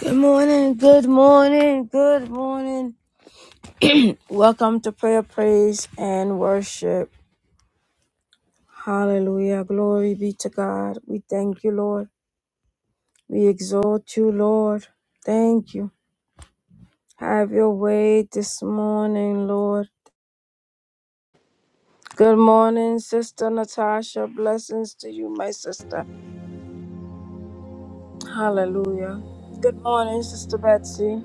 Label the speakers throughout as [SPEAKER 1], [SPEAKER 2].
[SPEAKER 1] Good morning, good morning, good morning. Welcome to prayer, praise, and worship. Hallelujah. Glory be to God. We thank you, Lord. We exalt you, Lord. Thank you. Have your way this morning, Lord. Good morning, Sister Natasha. Blessings to you, my sister. Hallelujah. Good morning, Sister Betsy.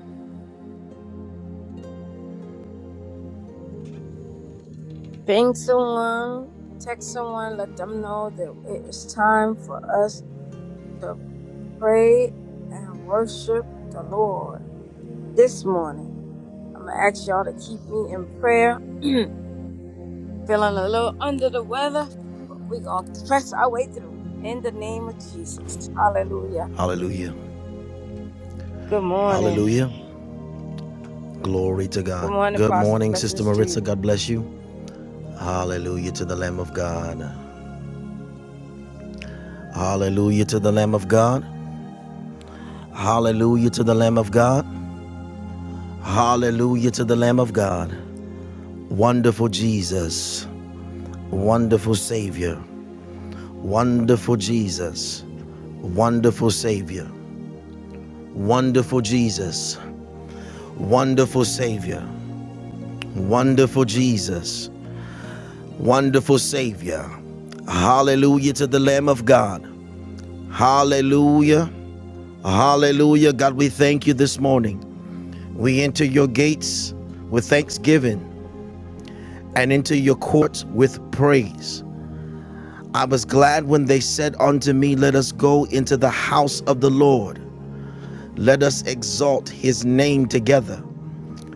[SPEAKER 1] Ping someone, text someone, let them know that it is time for us to. pray and worship the Lord this morning. I'm going to ask y'all to keep me in prayer. Feeling a little under the weather, but we're going to press our way through in the name of Jesus. Hallelujah.
[SPEAKER 2] Hallelujah.
[SPEAKER 1] Good morning.
[SPEAKER 2] Hallelujah. Glory to
[SPEAKER 1] Good
[SPEAKER 2] God.
[SPEAKER 1] morning,
[SPEAKER 2] Good
[SPEAKER 1] Pastor.
[SPEAKER 2] morning, Sister
[SPEAKER 1] Blessings to
[SPEAKER 2] Maritza.
[SPEAKER 1] you.
[SPEAKER 2] God bless you. Hallelujah to the Lamb of God. Hallelujah to the Lamb of God. Hallelujah to the Lamb of God. Hallelujah to the Lamb of God. Wonderful Jesus. Wonderful Savior. Wonderful Jesus. Wonderful Savior. Wonderful Jesus. Wonderful Savior. Wonderful Jesus. Wonderful Savior. Hallelujah to the Lamb of God. Hallelujah. Hallelujah. God, we thank you this morning. We enter your gates with thanksgiving and into your courts with praise. I was glad when they said unto me, Let us go into the house of the Lord. Let us exalt his name together.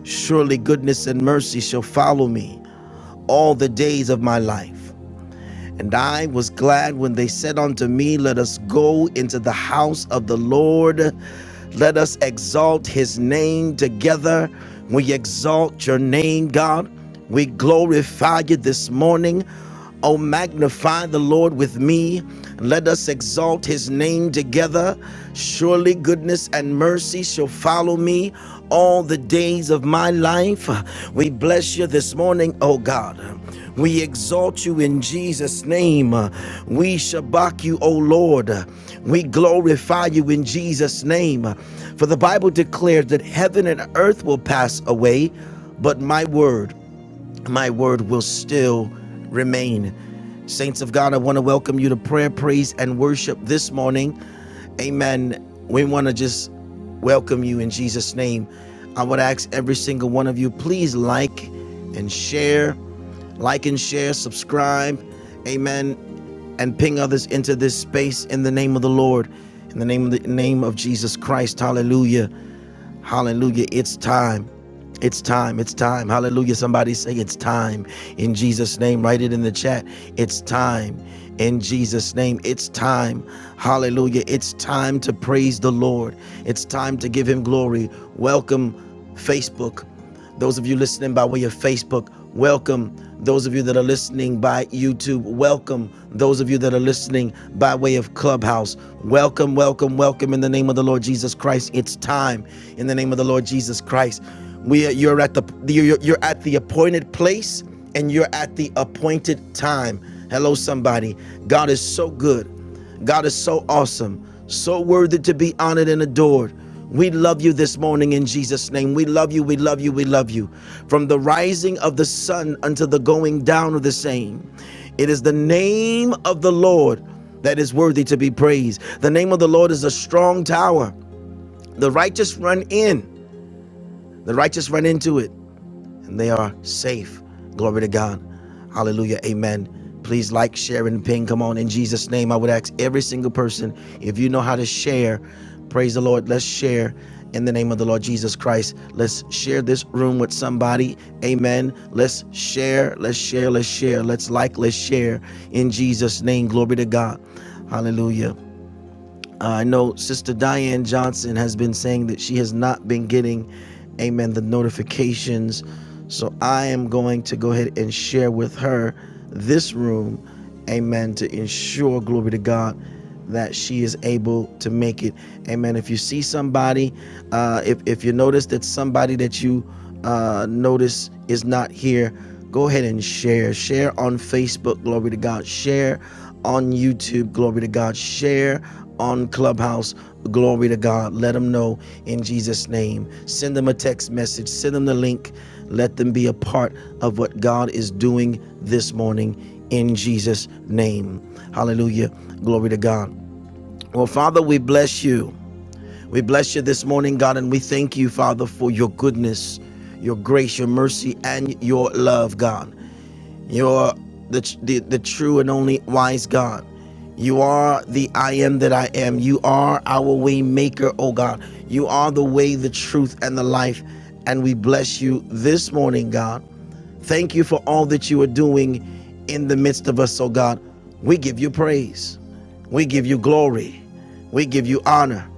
[SPEAKER 2] Surely goodness and mercy shall follow me all the days of my life And I was glad when they said unto me, Let us go into the house of the Lord. Let us exalt his name together. We exalt your name, God. We glorify you this morning. Oh, magnify the Lord with me. Let us exalt his name together. Surely goodness and mercy shall follow me all the days of my life. We bless you this morning, oh God. We exalt you in Jesus' name. Uh, We shabak you, O Lord. Uh, We glorify you in Jesus' name. Uh, For the Bible declares that heaven and earth will pass away, but my word my word will still remain. Saints of God, I want to welcome you to prayer, praise, and worship this morning. Amen. We want to just welcome you in Jesus' name. I would ask every single one of you, please like and share, like and share, subscribe. Amen. And ping others into this space in the name of the Lord, in the name of the name of Jesus Christ. Hallelujah. Hallelujah. It's time. It's time. It's time. Hallelujah. Somebody say it's time in Jesus' name. Write it in the chat. It's time in Jesus' name. It's time. Hallelujah. It's time to praise the Lord. It's time to give him glory. Welcome, Facebook. Those of you listening by way of Facebook, welcome. Those of you that are listening by YouTube, welcome. Those of you that are listening by way of Clubhouse, welcome, welcome, welcome in the name of the Lord Jesus Christ. It's time in the name of the Lord Jesus Christ. We you're at the you're, you're at the appointed place and you're at the appointed time. Hello somebody. God is so good. God is so awesome, so worthy to be honored and adored. We love you this morning in Jesus' name. We love you, we love you, we love you. From the rising of the sun until the going down of the same, it is the name of the Lord that is worthy to be praised. The name of the Lord is a strong tower. The righteous run in, the righteous run into it and they are safe. Glory to God. Hallelujah. Amen. Please like, share, and ping. Come on. In Jesus' name, I would ask every single person if you know how to share, praise the Lord. Let's share in the name of the Lord Jesus Christ. Let's share this room with somebody. Amen. Let's share. Let's share. Let's share. Let's like. Let's share. In Jesus' name. Glory to God. Hallelujah. Uh, I know Sister Diane Johnson has been saying that she has not been getting, amen, the notifications. So I am going to go ahead and share with her this room, amen, to ensure, glory to God, that she is able to make it. Amen. If you see somebody, uh, if, if you notice that somebody that you uh, notice is not here, go ahead and share. Share on Facebook, glory to God. Share on YouTube, glory to God. Share on Clubhouse, glory to God. Let them know in Jesus' name. Send them a text message, send them the link. Let them be a part of what God is doing this morning in Jesus' name. Hallelujah. Glory to God. Well, Father, we bless you. We bless you this morning, God, and we thank you, Father, for your goodness, your grace, your mercy, and your love, God. You are the, the, the true and only wise God. You are the I am that I am. You are our way maker, oh God. You are the way, the truth, and the life. And we bless you this morning, God. Thank you for all that you are doing in the midst of us, oh God. We give you praise. We give you glory. We give you honor.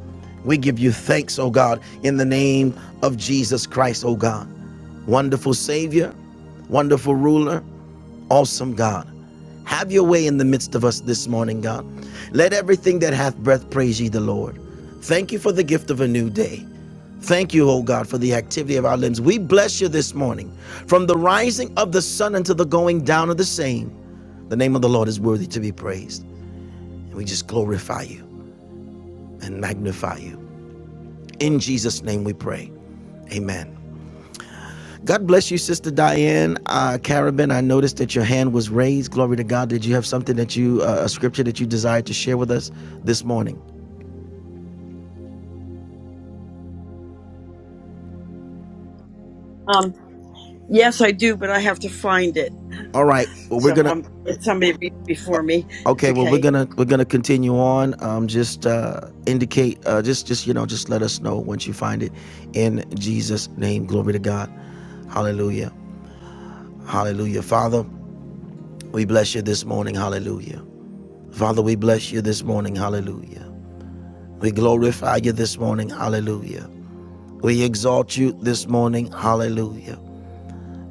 [SPEAKER 2] We give you thanks, oh God, in the name of Jesus Christ, oh God. Wonderful Savior, wonderful ruler, awesome God. Have your way in the midst of us this morning, God. Let everything that hath breath praise ye the Lord. Thank you for the gift of a new day. Thank you, O God, for the activity of our limbs. We bless you this morning. From the rising of the sun until the going down of the same, the name of the Lord is worthy to be praised. And we just glorify you and magnify you. In Jesus' name we pray. Amen. God bless you, Sister Diane. Uh, Carabin, I noticed that your hand was raised. Glory to God. Did you have something that you, uh, a scripture that you desired to share with us this morning?
[SPEAKER 3] Um, yes, I do, but I have to find it.
[SPEAKER 2] All right. Well, we're
[SPEAKER 3] So
[SPEAKER 2] going to.
[SPEAKER 3] um, it's somebody be- before me. It's
[SPEAKER 2] Okay, well, we're
[SPEAKER 3] okay.
[SPEAKER 2] gonna we're gonna continue on. Um, just uh, indicate, uh, just just you know, just let us know once you find it. In Jesus' name, glory to God. Hallelujah, Hallelujah. Father, we bless you this morning. Hallelujah. Father, we bless you this morning. Hallelujah. We glorify you this morning. Hallelujah. We exalt you this morning. Hallelujah.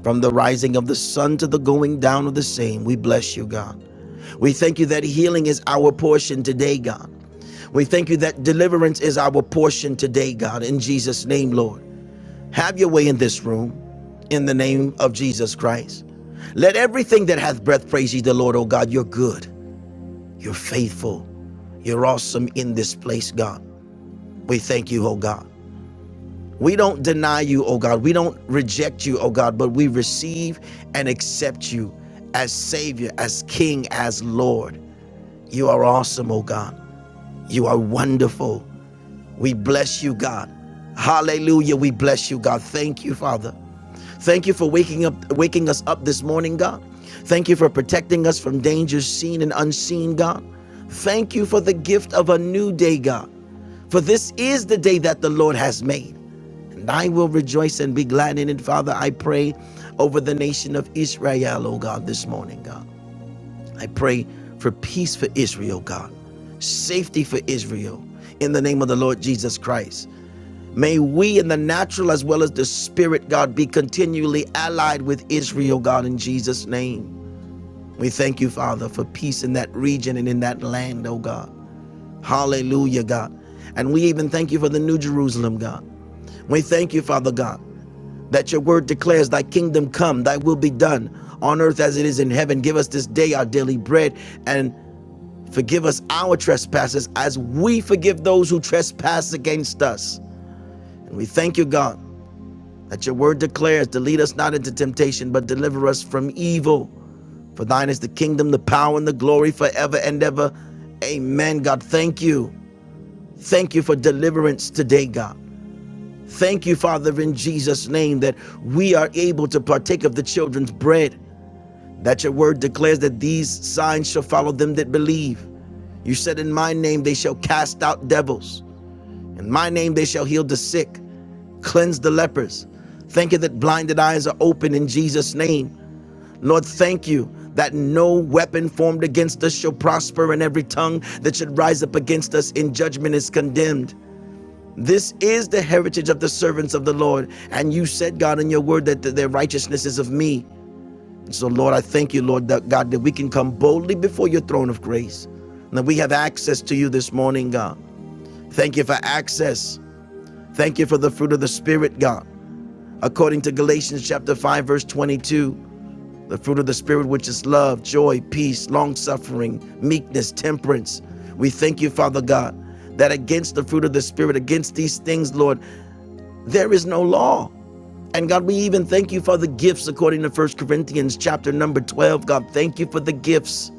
[SPEAKER 2] From the rising of the sun to the going down of the same, we bless you, God. We thank you that healing is our portion today, God. We thank you that deliverance is our portion today, God. In Jesus' name, Lord. Have your way in this room in the name of Jesus Christ. Let everything that hath breath praise ye the Lord, O God. You're good, you're faithful, you're awesome in this place, God. We thank you, O God. We don't deny you, oh God. We don't reject you, oh God, but we receive and accept you as Savior, as King, as Lord. You are awesome, oh God. You are wonderful. We bless you, God. Hallelujah. We bless you, God. Thank you, Father. Thank you for waking up waking us up this morning, God. Thank you for protecting us from dangers seen and unseen, God. Thank you for the gift of a new day, God. For this is the day that the Lord has made. And I will rejoice and be glad in it, Father. I pray over the nation of Israel, oh God, this morning, God. I pray for peace for Israel, God, safety for Israel, in the name of the Lord Jesus Christ. May we, in the natural as well as the spirit, God, be continually allied with Israel, God, in Jesus' name. We thank you, Father, for peace in that region and in that land, oh God. Hallelujah, God. And we even thank you for the New Jerusalem, God. We thank you, Father God that your word declares, Thy kingdom come, Thy will be done on earth as it is in heaven. Give us this day our daily bread and forgive us our trespasses as we forgive those who trespass against us. And we thank you, God, that your word declares to lead us not into temptation, but deliver us from evil. For thine is the kingdom, the power, and the glory forever and ever. Amen, God. Thank you. Thank you for deliverance today, God. Thank you, Father, in Jesus' name, that we are able to partake of the children's bread. That your word declares that these signs shall follow them that believe. You said, In my name they shall cast out devils, in my name they shall heal the sick, cleanse the lepers. Thank you that blinded eyes are open in Jesus' name. Lord, thank you that no weapon formed against us shall prosper, and every tongue that should rise up against us in judgment is condemned. This is the heritage of the servants of the Lord. And you said, God, in your word that their righteousness is of me. So, Lord, I thank you, Lord, that God, that we can come boldly before your throne of grace. And that we have access to you this morning, God. Thank you for access. Thank you for the fruit of the Spirit, God. According to Galatians chapter 5, verse 22, the fruit of the Spirit, which is love, joy, peace, long suffering, meekness, temperance. We thank you, Father God, that against the fruit of the Spirit, against these things, Lord, there is no law. And God, we even thank you for the gifts according to First Corinthians chapter number 12. God, thank you for the gifts.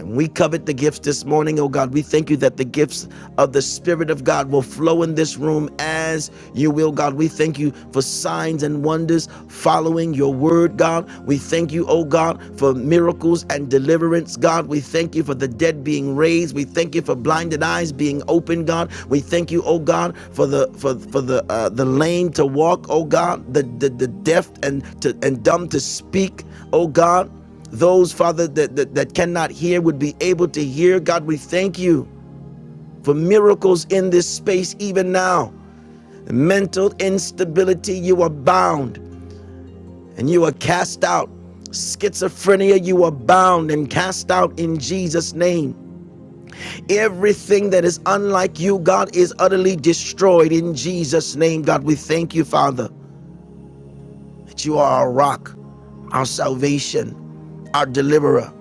[SPEAKER 2] And we covet the gifts this morning, oh God. We thank you that the gifts of the Spirit of God will flow in this room as you will, God. We thank you for signs and wonders following your word, God. We thank you, oh God, for miracles and deliverance, God. We thank you for the dead being raised. We thank you for blinded eyes being opened, God. We thank you, oh God, for the for, for the uh, the lame to walk, oh God, the, the, the deaf and to and dumb to speak, oh God. Those, Father, that, that, that cannot hear would be able to hear. God, we thank you for miracles in this space even now. Mental instability, you are bound and you are cast out. Schizophrenia, you are bound and cast out in Jesus' name. Everything that is unlike you, God, is utterly destroyed in Jesus' name. God, we thank you, Father. that you are our rock, our salvation, our deliverer,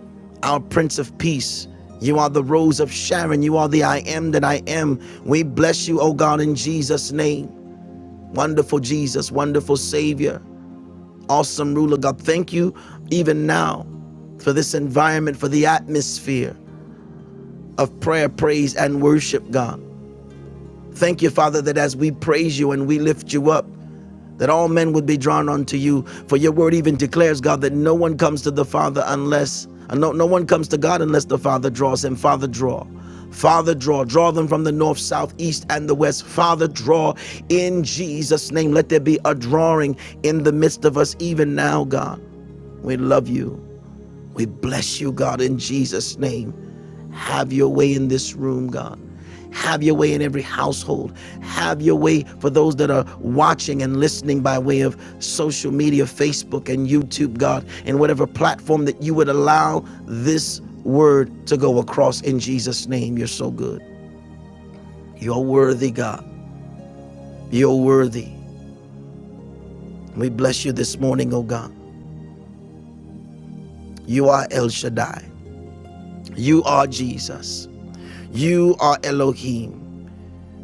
[SPEAKER 2] our Prince of Peace. You are the rose of Sharon. You are the I am that I am. We bless you, O God, in Jesus' name. Wonderful Jesus, wonderful Savior, awesome ruler, God. Thank you even now for this environment, for the atmosphere of prayer, praise, and worship, God. Thank you, Father, that as we praise you and we lift you up, that all men would be drawn unto you. For your word even declares, God, that no one comes to the Father unless, uh, no, no one comes to God unless the Father draws him. Father, draw. Father, draw. Draw them from the north, south, east, and the west. Father, draw in Jesus' name. Let there be a drawing in the midst of us, even now, God. We love you. We bless you, God, in Jesus' name. Have your way in this room, God. Have your way in every household. Have your way for those that are watching and listening by way of social media, Facebook and YouTube, God, and whatever platform that you would allow this word to go across in Jesus' name. You're so good. You're worthy, God. You're worthy. We bless you this morning, oh God. You are El Shaddai. You are Jesus. You are Elohim.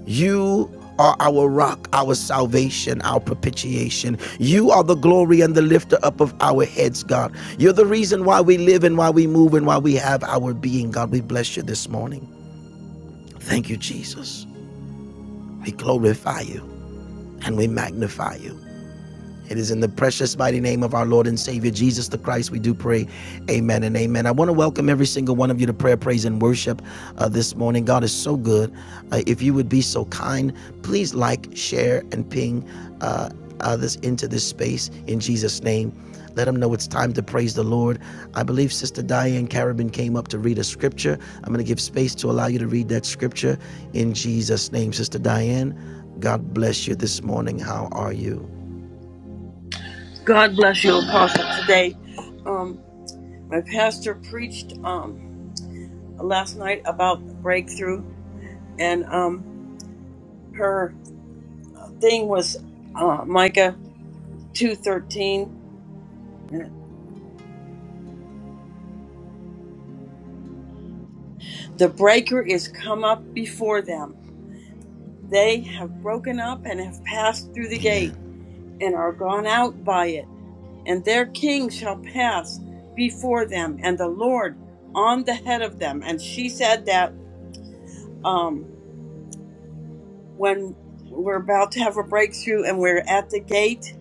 [SPEAKER 2] You are our rock, our salvation, our propitiation. You are the glory and the lifter up of our heads, God. You're the reason why we live and why we move and why we have our being, God. We bless you this morning. Thank you, Jesus. We glorify you and we magnify you. It is in the precious mighty name of our Lord and Savior Jesus the Christ we do pray. Amen and amen. I want to welcome every single one of you to prayer, praise, and worship uh, this morning. God is so good. Uh, if you would be so kind, please like, share, and ping uh, others into this space in Jesus' name. Let them know it's time to praise the Lord. I believe Sister Diane Carabin came up to read a scripture. I'm going to give space to allow you to read that scripture in Jesus' name. Sister Diane, God bless you this morning. How are you?
[SPEAKER 3] God bless you, Apostle. Today, um, my pastor preached um last night about breakthrough, and um, her thing was uh, Micah two thirteen. The breaker is come up before them. They have broken up and have passed through the
[SPEAKER 2] Amen.
[SPEAKER 3] gate and are gone out by it and their king shall pass before them, and the Lord on the head of them. And she said that um, when we're about to have a breakthrough and we're at the gate,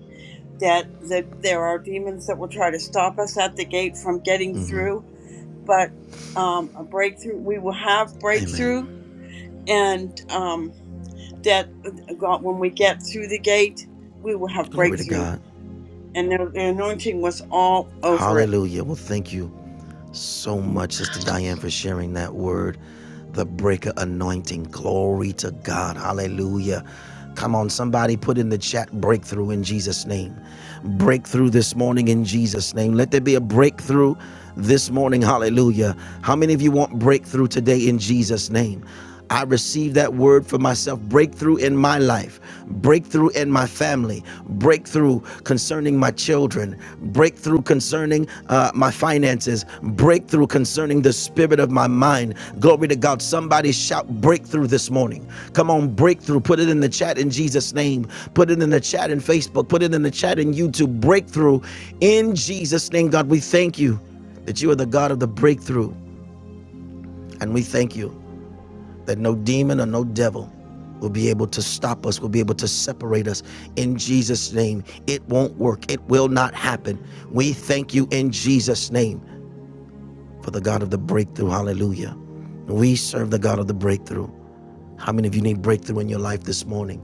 [SPEAKER 3] that, that there are demons that will try to stop us at the gate from getting
[SPEAKER 2] hmm
[SPEAKER 3] through. But um, a breakthrough, we will have breakthrough,
[SPEAKER 2] Amen.
[SPEAKER 3] and um, that uh, God, when we get through the gate, we will have
[SPEAKER 2] Glory to
[SPEAKER 3] breakthrough.
[SPEAKER 2] God.
[SPEAKER 3] And the the anointing was all over it
[SPEAKER 2] Hallelujah. Well, thank you so much, Sister Diane, for sharing that word, the breaker anointing. Glory to God. Hallelujah. Come on, somebody put in the chat breakthrough in Jesus' name. Breakthrough this morning in Jesus' name. Let there be a breakthrough this morning. Hallelujah. How many of you want breakthrough today in Jesus' name? I receive that word for myself. Breakthrough in my life, breakthrough in my family, breakthrough concerning my children, breakthrough concerning uh, my finances, breakthrough concerning the spirit of my mind. Glory to God. Somebody shout breakthrough this morning. Come on, breakthrough. Put it in the chat in Jesus' name. Put it in the chat in Facebook. Put it in the chat in YouTube. Breakthrough in Jesus' name. God, we thank you that you are the God of the breakthrough, and we thank you that no demon or no devil will be able to stop us, will be able to separate us in Jesus' name. It won't work, it will not happen. We thank you in Jesus' name for the God of the breakthrough. Hallelujah. We serve the God of the breakthrough. How many of you need breakthrough in your life this morning?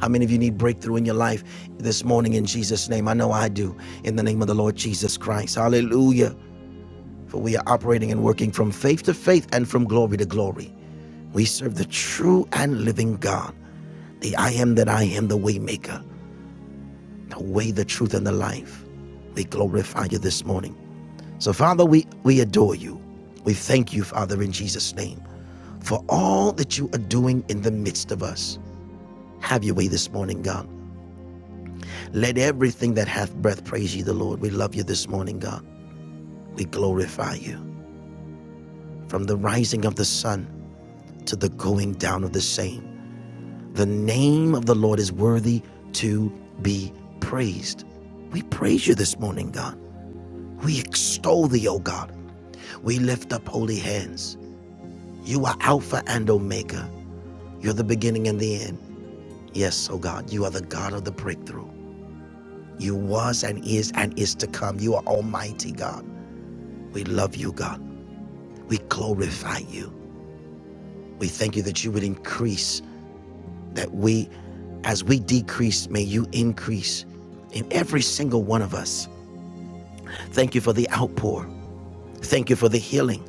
[SPEAKER 2] How many of you need breakthrough in your life this morning in Jesus' name? I know I do. In the name of the Lord Jesus Christ. Hallelujah. For we are operating and working from faith to faith and from glory to glory. We serve the true and living God. The I am that I am, the Waymaker, the way, the truth, and the life. We glorify you this morning. So, Father, we, we adore you. We thank you, Father, in Jesus' name, for all that you are doing in the midst of us. Have your way this morning, God. Let everything that hath breath praise you, the Lord. We love you this morning, God. We glorify you. From the rising of the sun to the going down of the same, the name of the Lord is worthy to be praised. We praise you this morning, God. We extol thee, O God. We lift up holy hands. You are Alpha and Omega. You're the beginning and the end. Yes, O God, you are the God of the breakthrough. You was and is and is to come. You are Almighty God. We love you, God. We glorify you. We thank you that you would increase, that we, as we decrease, may you increase in every single one of us. Thank you for the outpour. Thank you for the healing.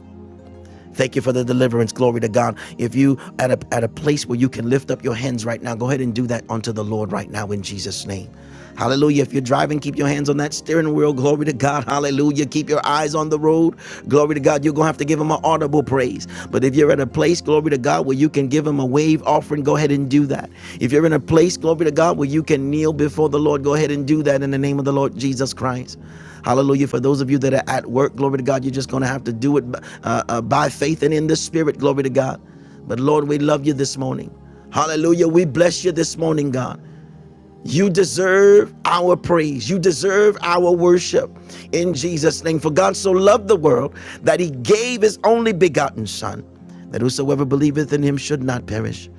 [SPEAKER 2] Thank you for the deliverance. Glory to God. If you at a at a place where you can lift up your hands right now, go ahead and do that unto the Lord right now in Jesus' name. Hallelujah. If you're driving, keep your hands on that steering wheel. Glory to God. Hallelujah. Keep your eyes on the road. Glory to God. You're going to have to give him an audible praise. But if you're at a place, glory to God, where you can give him a wave offering, go ahead and do that. If you're in a place, glory to God, where you can kneel before the Lord, go ahead and do that in the name of the Lord Jesus Christ. Hallelujah. For those of you that are at work, glory to God, you're just going to have to do it uh, uh, by faith and in the spirit, glory to God. But Lord, we love you this morning. Hallelujah. We bless you this morning, God. You deserve our praise. You deserve our worship in Jesus' name. For God so loved the world that he gave his only begotten Son, that whosoever believeth in him should not perish,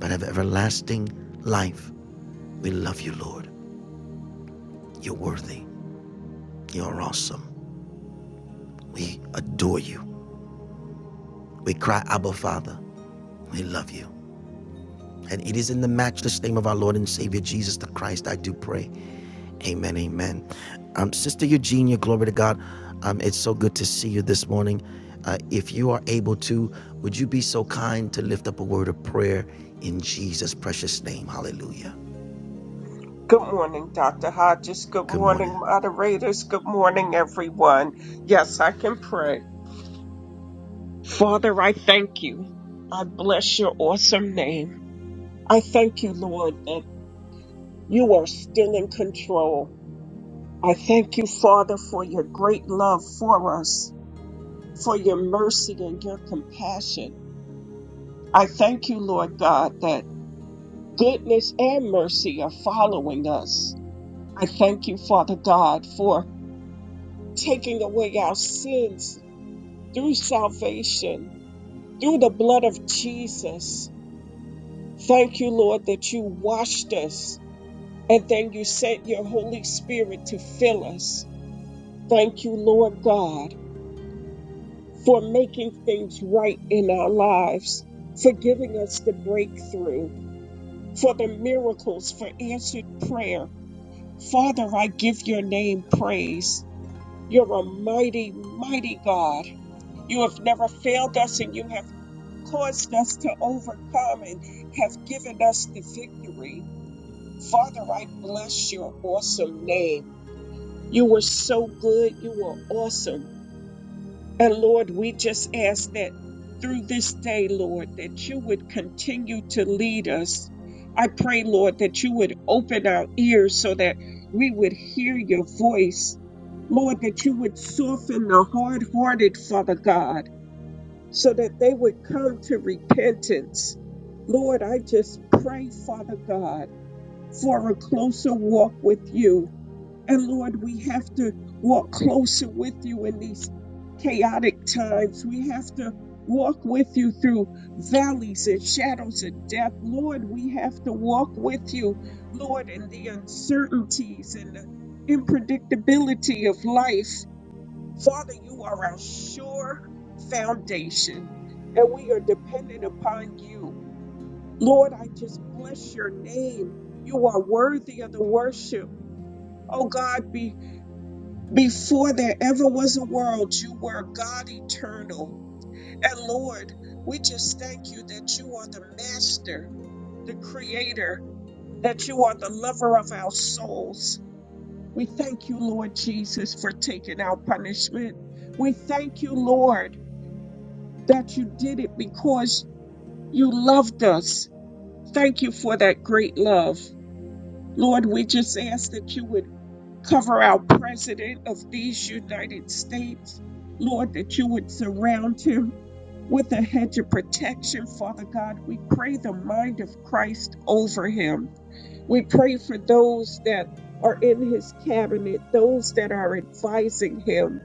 [SPEAKER 2] but have everlasting life. We love you, Lord. You're worthy. You're awesome. We adore you. We cry, Abba, Father. We love you. And it is in the matchless name of our Lord and Savior Jesus the Christ I do pray. Amen. Amen. Um, Sister Eugenia, glory to God. Um, it's so good to see you this morning. Uh, if you are able to, would you be so kind to lift up a word of prayer in Jesus' precious name? Hallelujah.
[SPEAKER 4] Good morning, Dr. Hodges. Good
[SPEAKER 2] Good morning.
[SPEAKER 4] morning, moderators. Good morning, everyone. Yes, I can pray. Father, I thank you. I bless your awesome name. I thank you, Lord, that you are still in control. I thank you, Father, for your great love for us, for your mercy and your compassion. I thank you, Lord God, that goodness and mercy are following us. I thank you, Father God, for taking away our sins through salvation, through the blood of Jesus. Thank you, Lord, that you washed us and then you sent your Holy Spirit to fill us. Thank you, Lord God, for making things right in our lives, for giving us the breakthrough, for the miracles, for answered prayer. Father, I give your name praise. You're a mighty, mighty God. You have never failed us and you have caused us to overcome and have given us the victory. Father, I bless your awesome name. You were so good. You were awesome. And Lord, we just ask that through this day, Lord, that you would continue to lead us. I pray, Lord, that you would open our ears so that we would hear your voice. Lord, that you would soften the hard hearted, Father God so that they would come to repentance. Lord, I just pray, Father God, for a closer walk with you. And Lord, we have to walk closer with you in these chaotic times. We have to walk with you through valleys and shadows of death. Lord, we have to walk with you, Lord, in the uncertainties and the unpredictability of life. Father, you are our sure foundation, and we are dependent upon you. Lord, I just bless your name. You are worthy of the worship. Oh God, be, before there ever was a world, you were God eternal. And Lord, we just thank you that you are the master, the creator, that you are the lover of our souls. We thank you, Lord Jesus, for taking our punishment. We thank you, Lord. that you did it because you loved us. Thank you for that great love. Lord, we just ask that you would cover our president of these United States. Lord, that you would surround him with a hedge of protection, Father God. We pray the mind of Christ over him. We pray for those that are in his cabinet, those that are advising him.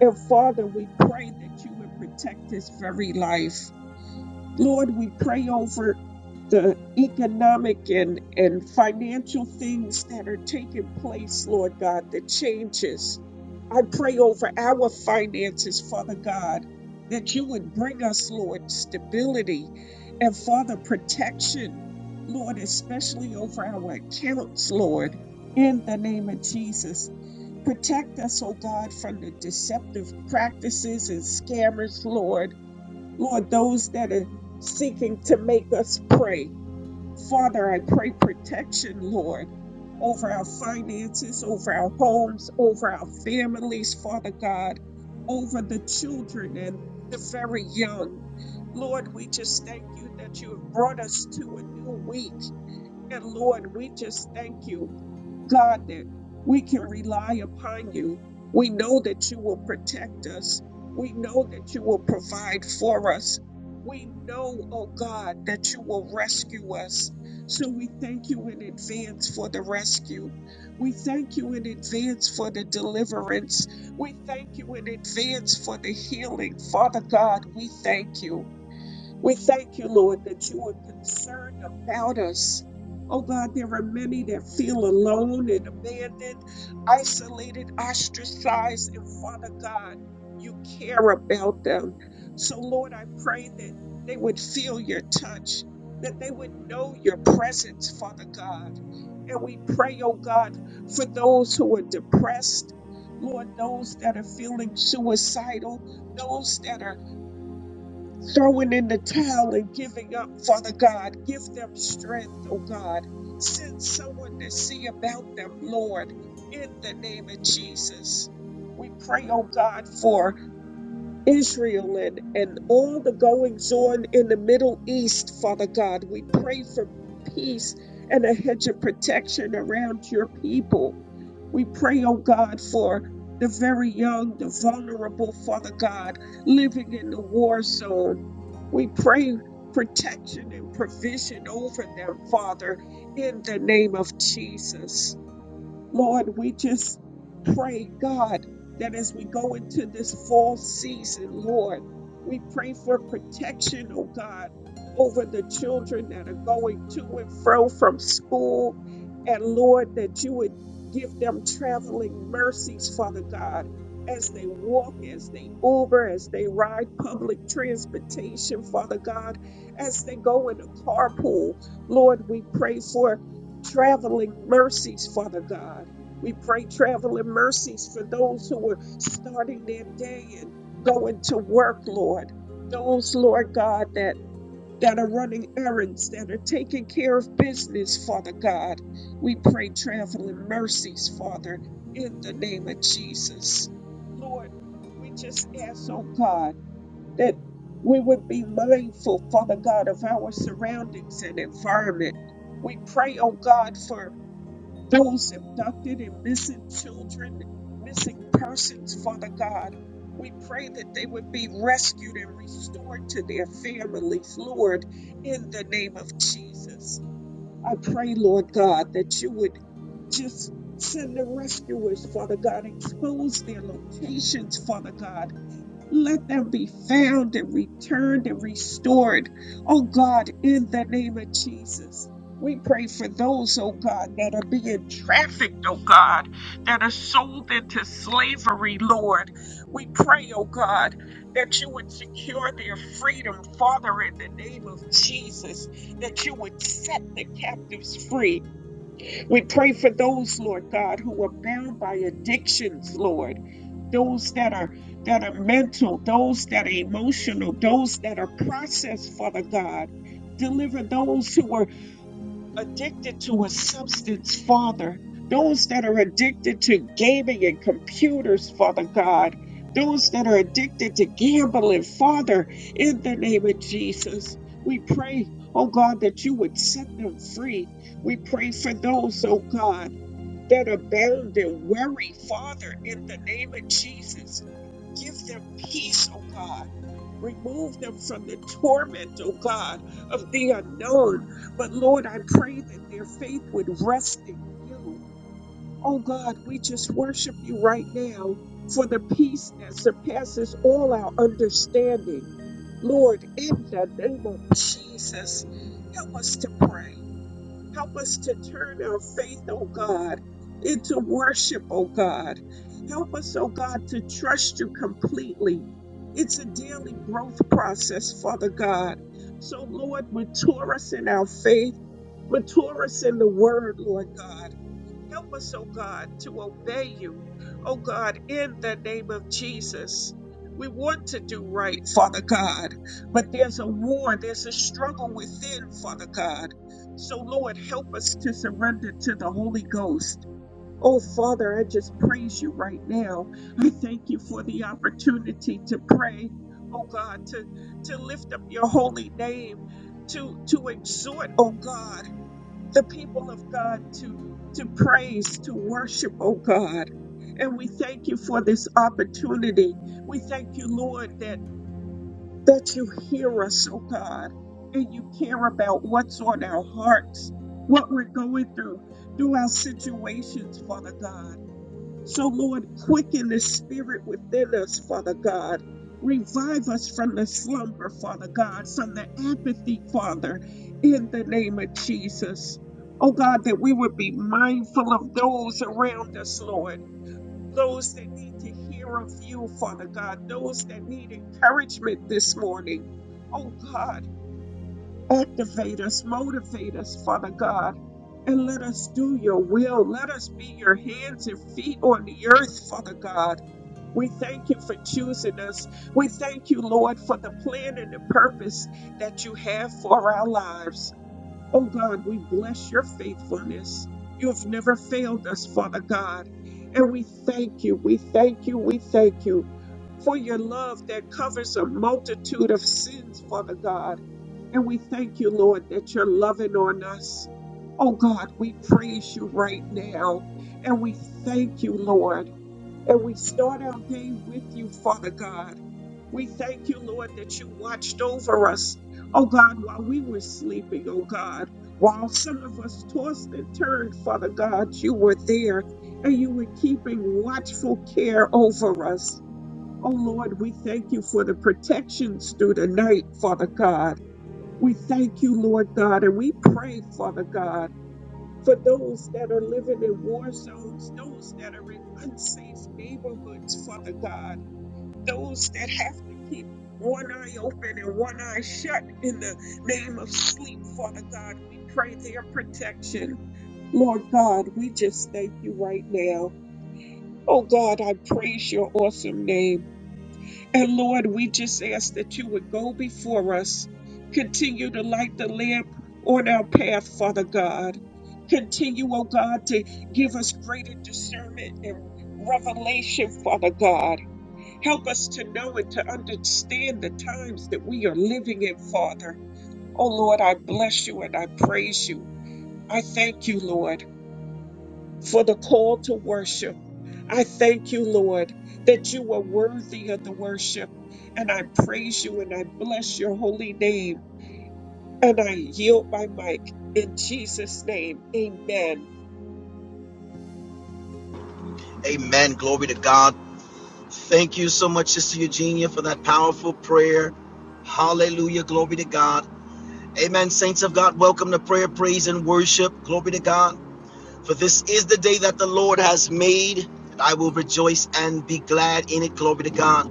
[SPEAKER 4] And Father, we pray that you would protect his very life. Lord, we pray over the economic and, and financial things that are taking place, Lord God, the changes. I pray over our finances, Father God, that you would bring us, Lord, stability and, Father, protection, Lord, especially over our accounts, Lord, in the name of Jesus. Protect us, oh God, from the deceptive practices and scammers, Lord Lord, those that are seeking to make us pray. Father, I pray protection, Lord, over our finances, over our homes, over our families, Father God, over the children and the very young. Lord, we just thank you that you have brought us to a new week. And Lord, we just thank you. God, that we can rely upon you. We know that you will protect us. We know that you will provide for us. We know, oh God, that you will rescue us. So we thank you in advance for the rescue. We thank you in advance for the deliverance. We thank you in advance for the healing. Father God, we thank you. We thank you, Lord, that you are concerned about us. Oh God, there are many that feel alone and abandoned, isolated, ostracized, and Father God, you care about them. So, Lord, I pray that they would feel your touch, that they would know your presence, Father God. And we pray, oh God, for those who are depressed, Lord, those that are feeling suicidal, those that are throwing in the towel and giving up, Father God. Give them strength, oh God. Send someone to see about them, Lord, in the name of Jesus. We pray, oh God, for Israel and, and all the goings on in the Middle East, Father God. We pray for peace and a hedge of protection around your people. We pray, oh God, for the very young, the vulnerable, Father God, living in the war zone. We pray protection and provision over them, Father, in the name of Jesus. Lord, we just pray, God, that as we go into this fall season, Lord, we pray for protection, oh God, over the children that are going to and fro from school. And Lord, that you would give them traveling mercies, Father God, as they walk, as they Uber, as they ride public transportation, Father God, as they go in a carpool. Lord, we pray for traveling mercies, Father God. We pray traveling mercies for those who are starting their day and going to work, Lord. Those, Lord God, that that are running errands, that are taking care of business, Father God. We pray traveling mercies, Father, in the name of Jesus. Lord, we just ask, oh God, that we would be mindful, Father God, of our surroundings and environment. We pray, oh God, for those abducted and missing children, missing persons, Father God. We pray that they would be rescued and restored to their families, Lord, in the name of Jesus. I pray, Lord God, that you would just send the rescuers, Father God, expose their locations, Father God, let them be found and returned and restored. Oh God, in the name of Jesus. We pray for those, oh God, that are being trafficked, oh God, that are sold into slavery, Lord. We pray, oh God, that you would secure their freedom, Father, in the name of Jesus, that you would set the captives free, we pray for those, Lord God, who are bound by addictions, Lord. Those that are that are mental, those that are emotional, those that are processed, Father God. Deliver those who are addicted to a substance, Father. Those that are addicted to gaming and computers, Father God. Those that are addicted to gambling, Father, in the name of Jesus. We pray, oh God, that you would set them free. We pray for those, oh God that abound in worry, Father, in the name of Jesus. Give them peace, oh God. Remove them from the torment, oh God, of the unknown. But Lord, I pray that their faith would rest in you. Oh God, we just worship you right now for the peace that surpasses all our understanding. Lord, in the name of Jesus, help us to pray. Help us to turn our faith, oh God, into worship, oh God. Help us, oh God, to trust you completely. It's a daily growth process, Father God. So, Lord, mature us in our faith, mature us in the word, Lord God. Help us, oh God, to obey you, oh God, in the name of Jesus. We want to do right, Father God, but there's a war, there's a struggle within, Father God. So, Lord, help us to surrender to the Holy Ghost. Oh, Father, I just praise you right now. I thank you for the opportunity to pray, oh God, to, to lift up your holy name, to, to exhort, oh God the people of God to, to praise, to worship, oh God. And we thank you for this opportunity. We thank you, Lord, that, that you hear us, oh God, and you care about what's on our hearts, what we're going through, through our situations, Father God. So, Lord, quicken the spirit within us, Father God. Revive us from the slumber, Father God, from the apathy, Father, in the name of Jesus. Oh God, that we would be mindful of those around us, Lord. Those that need to hear of you, Father God. Those that need encouragement this morning. Oh God. Activate us, motivate us, Father God, and let us do your will. Let us be your hands and feet on the earth, Father God. We thank you for choosing us. We thank you, Lord, for the plan and the purpose that you have for our lives. Oh God, we bless your faithfulness. You have never failed us, Father God. And we thank you, we thank you, we thank you for your love that covers a multitude of sins, Father God. And we thank you, Lord, that you're loving on us. Oh God, we praise you right now. And we thank you, Lord. And we start our day with you, Father God. We thank you, Lord, that you watched over us. Oh God, while we were sleeping, oh God, while some of us tossed and turned, Father God, you were there and you were keeping watchful care over us. Oh Lord, we thank you for the protections through the night, Father God. We thank you, Lord God, and we pray, Father God, for those that are living in war zones, those that are in unsafe neighborhoods, Father God, those that have to keep one eye open and one eye shut in the name of sleep, Father God. We pray their protection. Lord God, we just thank you right now. Oh God, I praise your awesome name. And Lord, we just ask that you would go before us, continue to light the lamp on our path, Father God. Continue, oh God, to give us greater discernment and revelation, Father God. Help us to know and to understand the times that we are living in, Father. Oh Lord, I bless you and I praise you. I thank you, Lord, for the call to worship. I thank you, Lord, that you are worthy of the worship. And I praise you and I bless your holy name. And I yield my mic in Jesus' name. Amen.
[SPEAKER 5] Amen. Glory to God. Thank you so much, Sister Eugenia, for that powerful prayer. Hallelujah. Glory to God. Amen. Saints of God, welcome to prayer, praise, and worship. Glory to God. For this is the day that the Lord has made, and I will rejoice and be glad in it. Glory to God.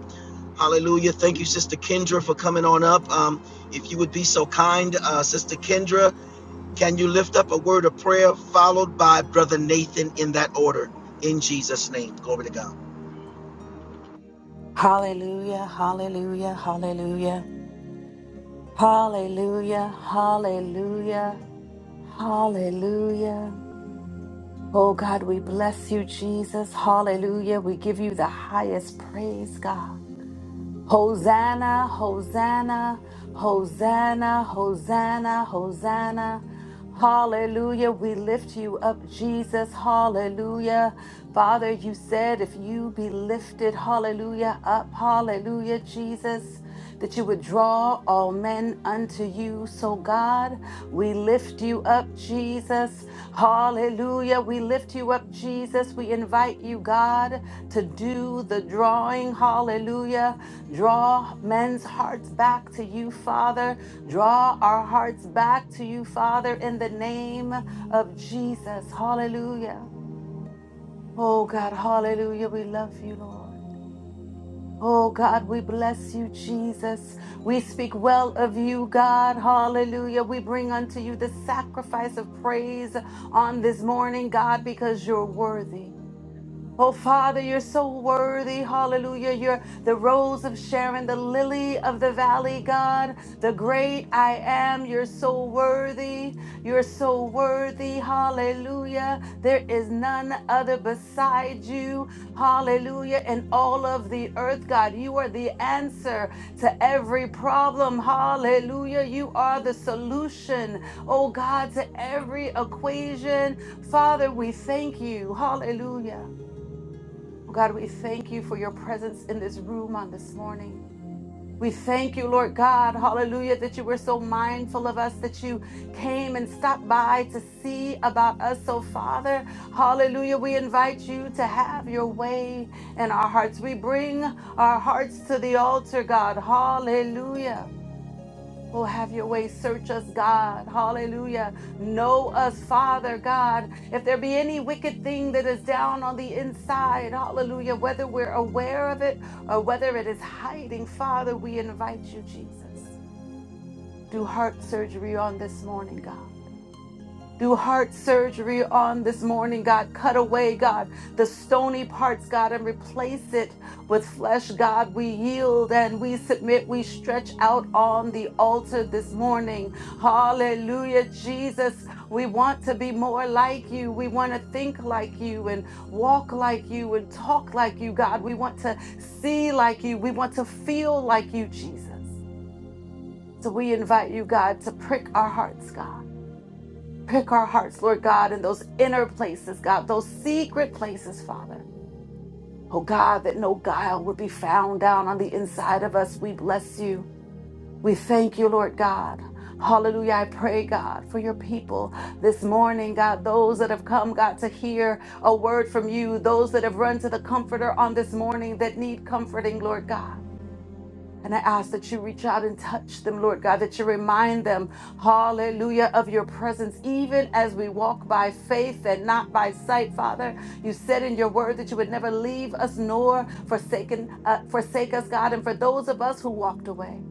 [SPEAKER 5] Hallelujah. Thank you, Sister Kendra, for coming on up. Um, if you would be so kind, uh, Sister Kendra, can you lift up a word of prayer followed by Brother Nathan in that order? In Jesus' name. Glory to God.
[SPEAKER 6] Hallelujah, hallelujah, hallelujah. Hallelujah, hallelujah, hallelujah. Oh God, we bless you, Jesus. Hallelujah. We give you the highest praise, God. Hosanna, Hosanna, Hosanna, Hosanna, Hosanna. Hallelujah. We lift you up, Jesus. Hallelujah. Father, you said if you be lifted, hallelujah, up, hallelujah, Jesus that you would draw all men unto you. So, God, we lift you up, Jesus. Hallelujah. We lift you up, Jesus. We invite you, God, to do the drawing. Hallelujah. Draw men's hearts back to you, Father. Draw our hearts back to you, Father, in the name of Jesus. Hallelujah. Oh, God, hallelujah. We love you, Lord. Oh God, we bless you, Jesus. We speak well of you, God. Hallelujah. We bring unto you the sacrifice of praise on this morning, God, because you're worthy. Oh, Father, you're so worthy. Hallelujah. You're the rose of Sharon, the lily of the valley, God, the great I am. You're so worthy. You're so worthy. Hallelujah. There is none other beside you. Hallelujah. In all of the earth, God, you are the answer to every problem. Hallelujah. You are the solution, oh God, to every equation. Father, we thank you. Hallelujah. Oh God, we thank you for your presence in this room on this morning. We thank you, Lord God, hallelujah, that you were so mindful of us, that you came and stopped by to see about us. So, Father, hallelujah, we invite you to have your way in our hearts. We bring our hearts to the altar, God, hallelujah. Oh, have your way. Search us, God. Hallelujah. Know us, Father God. If there be any wicked thing that is down on the inside, hallelujah, whether we're aware of it or whether it is hiding, Father, we invite you, Jesus. Do heart surgery on this morning, God do heart surgery on this morning, God. Cut away, God, the stony parts, God, and replace it with flesh, God. We yield and we submit. We stretch out on the altar this morning. Hallelujah, Jesus. We want to be more like you. We want to think like you and walk like you and talk like you, God. We want to see like you. We want to feel like you, Jesus. So we invite you, God, to prick our hearts, God Pick our hearts, Lord God, in those inner places, God, those secret places, Father. Oh God, that no guile would be found down on the inside of us. We bless you. We thank you, Lord God. Hallelujah. I pray, God, for your people this morning, God, those that have come, God, to hear a word from you, those that have run to the comforter on this morning that need comforting, Lord God. And I ask that you reach out and touch them, Lord God, that you remind them, hallelujah, of your presence, even as we walk by faith and not by sight, Father. You said in your word that you would never leave us nor forsaken, uh, forsake us, God. And for those of us who walked away,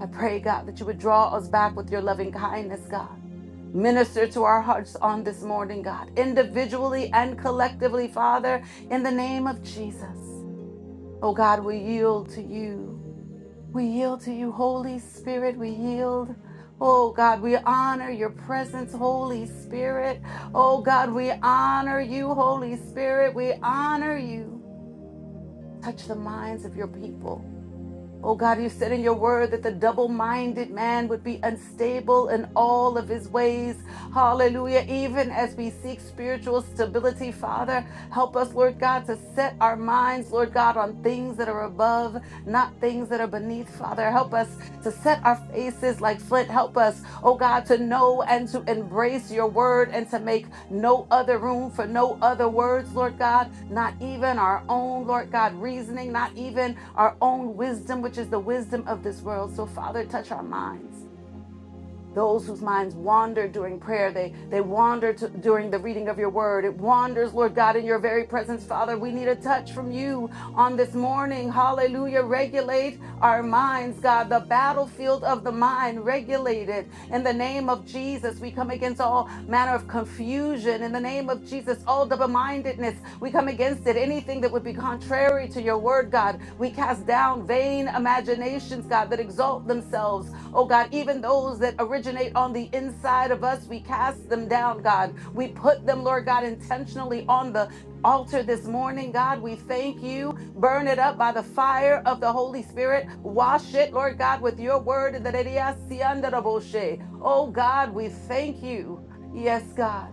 [SPEAKER 6] I pray, God, that you would draw us back with your loving kindness, God. Minister to our hearts on this morning, God, individually and collectively, Father, in the name of Jesus. Oh, God, we yield to you. We yield to you, Holy Spirit. We yield. Oh God, we honor your presence, Holy Spirit. Oh God, we honor you, Holy Spirit. We honor you. Touch the minds of your people. Oh God, you said in your word that the double minded man would be unstable in all of his ways. Hallelujah. Even as we seek spiritual stability, Father, help us, Lord God, to set our minds, Lord God, on things that are above, not things that are beneath, Father. Help us to set our faces like flint. Help us, oh God, to know and to embrace your word and to make no other room for no other words, Lord God, not even our own, Lord God, reasoning, not even our own wisdom, which is the wisdom of this world. So, Father, touch our minds those whose minds wander during prayer they they wander to, during the reading of your word it wanders lord god in your very presence father we need a touch from you on this morning hallelujah regulate our minds god the battlefield of the mind regulate it in the name of jesus we come against all manner of confusion in the name of jesus all double-mindedness we come against it anything that would be contrary to your word god we cast down vain imaginations god that exalt themselves Oh God, even those that originate on the inside of us, we cast them down, God. We put them, Lord God, intentionally on the altar this morning, God. We thank you. Burn it up by the fire of the Holy Spirit. Wash it, Lord God, with your word. Oh God, we thank you. Yes, God.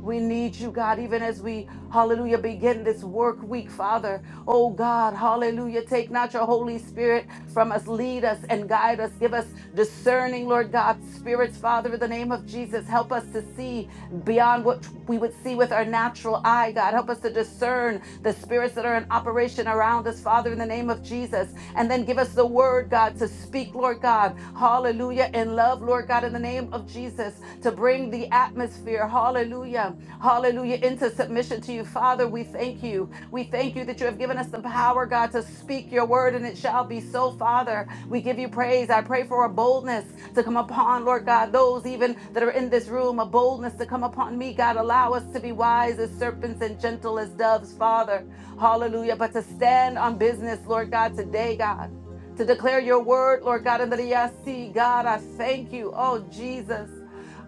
[SPEAKER 6] We need you, God, even as we, hallelujah, begin this work week, Father. Oh, God, hallelujah. Take not your Holy Spirit from us. Lead us and guide us. Give us discerning, Lord God, spirits, Father, in the name of Jesus. Help us to see beyond what we would see with our natural eye, God. Help us to discern the spirits that are in operation around us, Father, in the name of Jesus. And then give us the word, God, to speak, Lord God. Hallelujah. In love, Lord God, in the name of Jesus, to bring the atmosphere. Hallelujah. Hallelujah. Into submission to you. Father, we thank you. We thank you that you have given us the power, God, to speak your word, and it shall be so, Father. We give you praise. I pray for a boldness to come upon, Lord God, those even that are in this room, a boldness to come upon me, God. Allow us to be wise as serpents and gentle as doves, Father. Hallelujah. But to stand on business, Lord God, today, God, to declare your word, Lord God, in the see, God, I thank you. Oh, Jesus.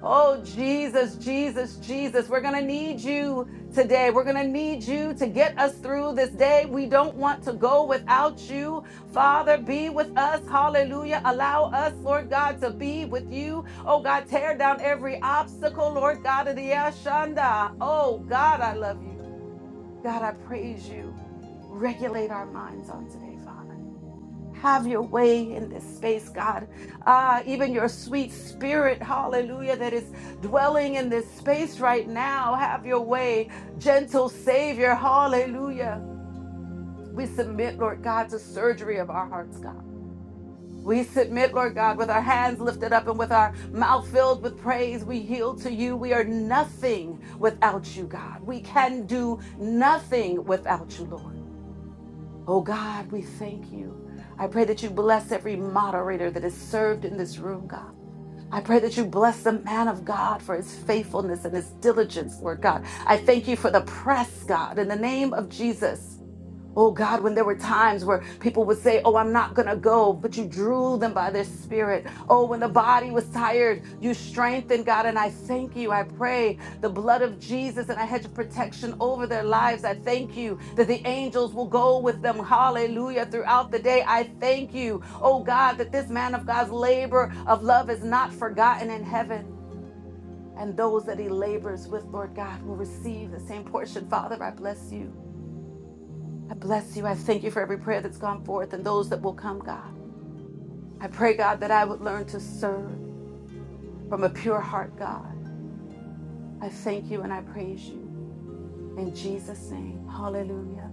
[SPEAKER 6] Oh, Jesus, Jesus, Jesus. We're going to need you today. We're going to need you to get us through this day. We don't want to go without you. Father, be with us. Hallelujah. Allow us, Lord God, to be with you. Oh, God, tear down every obstacle, Lord God of the Ashanda. Oh, God, I love you. God, I praise you. Regulate our minds on today, Father. Have your way in this space, God. Ah, even your sweet spirit, hallelujah, that is dwelling in this space right now. Have your way, gentle Savior, hallelujah. We submit, Lord God, to surgery of our hearts, God. We submit, Lord God, with our hands lifted up and with our mouth filled with praise. We yield to you. We are nothing without you, God. We can do nothing without you, Lord. Oh God, we thank you. I pray that you bless every moderator that is served in this room, God. I pray that you bless the man of God for his faithfulness and his diligence, Lord God. I thank you for the press, God, in the name of Jesus. Oh God, when there were times where people would say, Oh, I'm not going to go, but you drew them by their spirit. Oh, when the body was tired, you strengthened, God. And I thank you. I pray the blood of Jesus and a hedge of protection over their lives. I thank you that the angels will go with them. Hallelujah. Throughout the day, I thank you. Oh God, that this man of God's labor of love is not forgotten in heaven. And those that he labors with, Lord God, will receive the same portion. Father, I bless you. I bless you. I thank you for every prayer that's gone forth and those that will come, God. I pray, God, that I would learn to serve from a pure heart, God. I thank you and I praise you. In Jesus' name, hallelujah.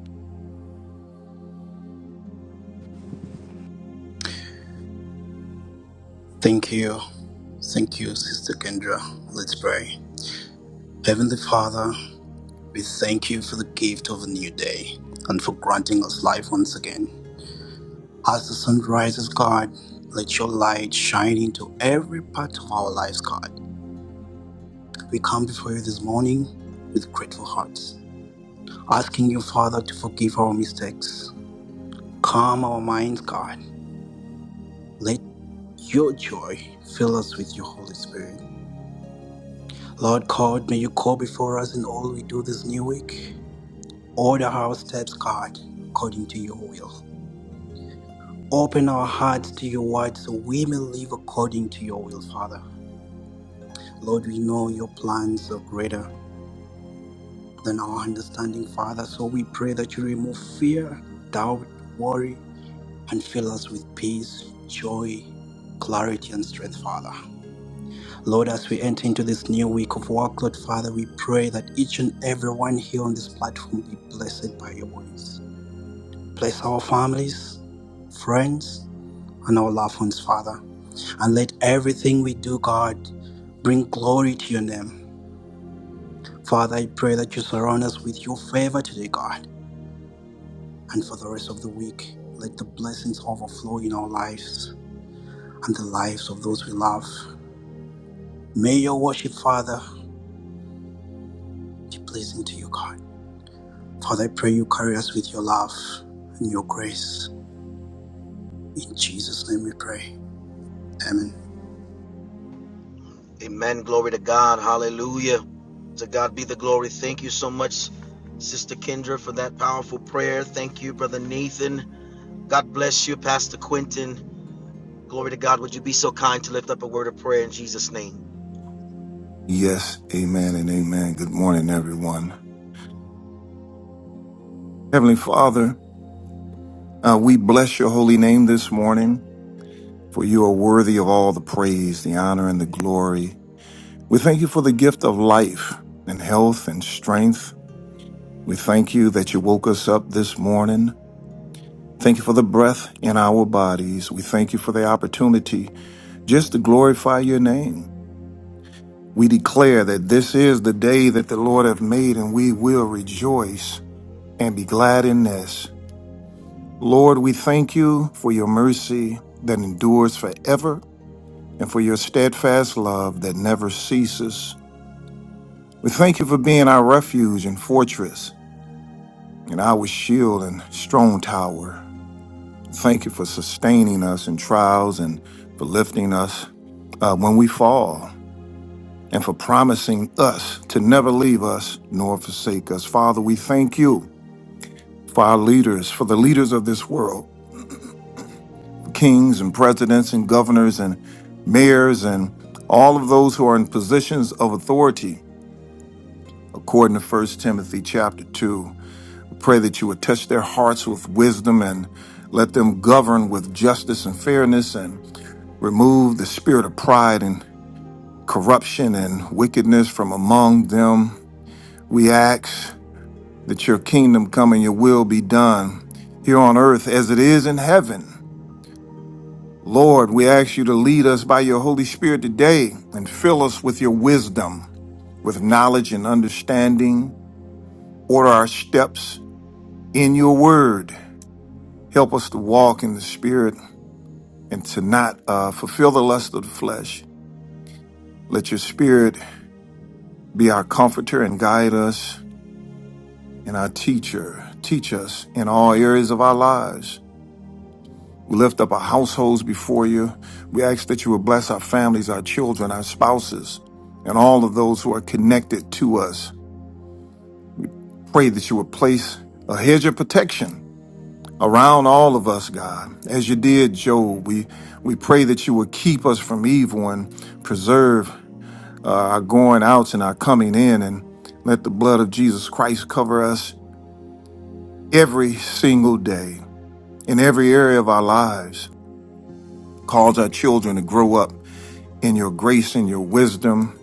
[SPEAKER 7] Thank you. Thank you, Sister Kendra. Let's pray. Heavenly Father, we thank you for the gift of a new day and for granting us life once again. As the sun rises, God, let your light shine into every part of our lives, God. We come before you this morning with grateful hearts, asking you, Father, to forgive our mistakes. Calm our minds, God. Let your joy fill us with your Holy Spirit. Lord God, may you call before us in all we do this new week. Order our steps, God, according to your will. Open our hearts to your word so we may live according to your will, Father. Lord, we know your plans are greater than our understanding, Father. So we pray that you remove fear, doubt, worry, and fill us with peace, joy, clarity, and strength, Father. Lord, as we enter into this new week of work, Lord Father, we pray that each and every one here on this platform be blessed by your ways. Bless our families, friends, and our loved ones, Father. And let everything we do, God, bring glory to your name. Father, I pray that you surround us with your favor today, God. And for the rest of the week, let the blessings overflow in our lives and the lives of those we love. May your worship, Father, be pleasing to you, God. Father, I pray you carry us with your love and your grace. In Jesus' name we pray. Amen.
[SPEAKER 5] Amen. Glory to God. Hallelujah. To God be the glory. Thank you so much, Sister Kendra, for that powerful prayer. Thank you, Brother Nathan. God bless you, Pastor Quentin. Glory to God. Would you be so kind to lift up a word of prayer in Jesus' name?
[SPEAKER 8] Yes, amen and amen. Good morning, everyone. Heavenly Father, uh, we bless your holy name this morning, for you are worthy of all the praise, the honor, and the glory. We thank you for the gift of life and health and strength. We thank you that you woke us up this morning. Thank you for the breath in our bodies. We thank you for the opportunity just to glorify your name. We declare that this is the day that the Lord hath made, and we will rejoice and be glad in this. Lord, we thank you for your mercy that endures forever and for your steadfast love that never ceases. We thank you for being our refuge and fortress and our shield and strong tower. Thank you for sustaining us in trials and for lifting us uh, when we fall and for promising us to never leave us nor forsake us. Father, we thank you for our leaders, for the leaders of this world. kings and presidents and governors and mayors and all of those who are in positions of authority according to First timothy chapter 2 We pray that you would touch their hearts with wisdom and let them govern with justice and fairness and remove the spirit of pride and corruption and wickedness from among them we ask that your kingdom come and your will be done here on earth as it is in heaven Lord, we ask you to lead us by your Holy Spirit today and fill us with your wisdom, with knowledge and understanding. Order our steps in your word. Help us to walk in the Spirit and to not uh, fulfill the lust of the flesh. Let your Spirit be our comforter and guide us and our teacher. Teach us in all areas of our lives. We lift up our households before you. We ask that you would bless our families, our children, our spouses, and all of those who are connected to us. Pray that you would place a hedge of protection around all of us, God, as you did Job. We we pray that you would keep us from evil and preserve uh, our going outs and our coming in, and let the blood of Jesus Christ cover us every single day in every area of our lives. Cause our children to grow up in your grace and your wisdom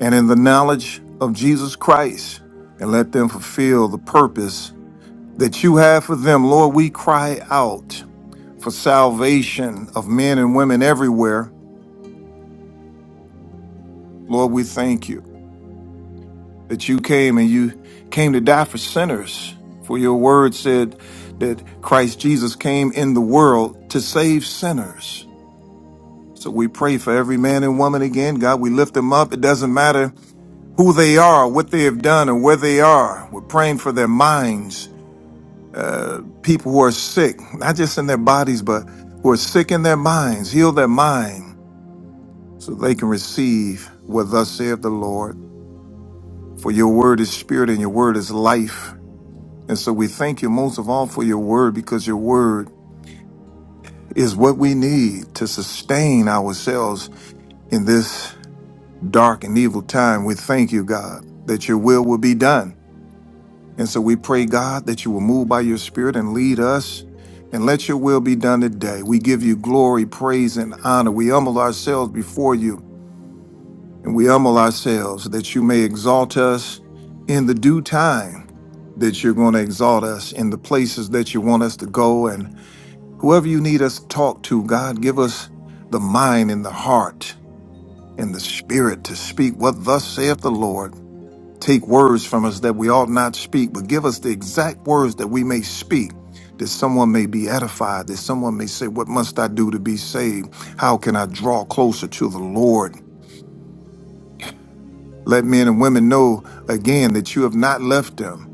[SPEAKER 8] and in the knowledge of Jesus Christ and let them fulfill the purpose that you have for them. Lord, we cry out for salvation of men and women everywhere. Lord, we thank you that you came and you came to die for sinners. For your word said that Christ Jesus came in the world to save sinners. So we pray for every man and woman again. God, we lift them up. It doesn't matter who they are, what they have done, and where they are. We're praying for their minds, uh, people who are sick, not just in their bodies, but who are sick in their minds. Heal their mind so they can receive what thus saith the Lord. For your word is spirit and your word is life. And so we thank you most of all for your word because your word is what we need to sustain ourselves in this dark and evil time. We thank you, God, that your will will be done And so we pray, God, that you will move by your spirit and lead us and let your will be done today. We give you glory, praise, and honor. We humble ourselves before you and we humble ourselves that you may exalt us in the due time, that you're going to exalt us in the places that you want us to go. And whoever you need us to talk to, God, give us the mind and the heart and the spirit to speak what thus saith the Lord take words from us that we ought not speak, but give us the exact words that we may speak, that someone may be edified, that someone may say, What must I do to be saved? How can I draw closer to the Lord? Let men and women know again that you have not left them.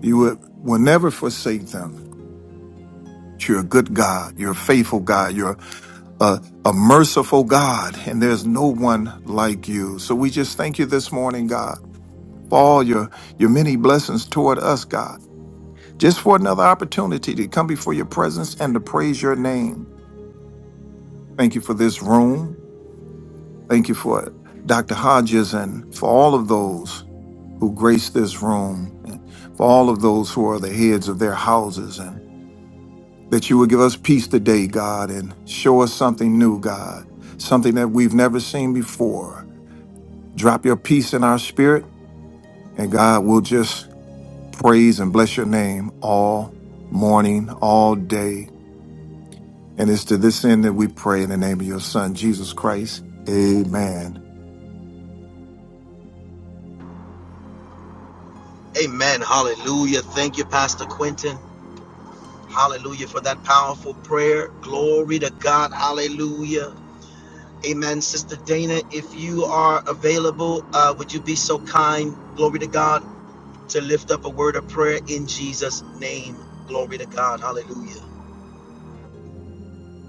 [SPEAKER 8] You will will never forsake them. You're a good God. You're a faithful God. You're a, a merciful God, and there's no one like you. So we just thank you this morning, God, for all your, your many blessings toward us, God. just for another opportunity to come before your presence and to praise your name. Thank you for this room. Thank you for Dr. Hodges and for all of those who grace this room, and for all of those who are the heads of their houses, and that you would give us peace today, God, and show us something new, God, something that we've never seen before. Drop your peace in our spirit, and God will just praise and bless your name all morning, all day, And it's to this end that we pray in the name of your Son, Jesus Christ. Amen.
[SPEAKER 5] Amen. Hallelujah. Thank you, Pastor Quentin. Hallelujah for that powerful prayer. Glory to God. Hallelujah. Amen. Sister Dana, if you are available, uh, would you be so kind? Glory to God to lift up a word of prayer in Jesus' name. Glory to God. Hallelujah.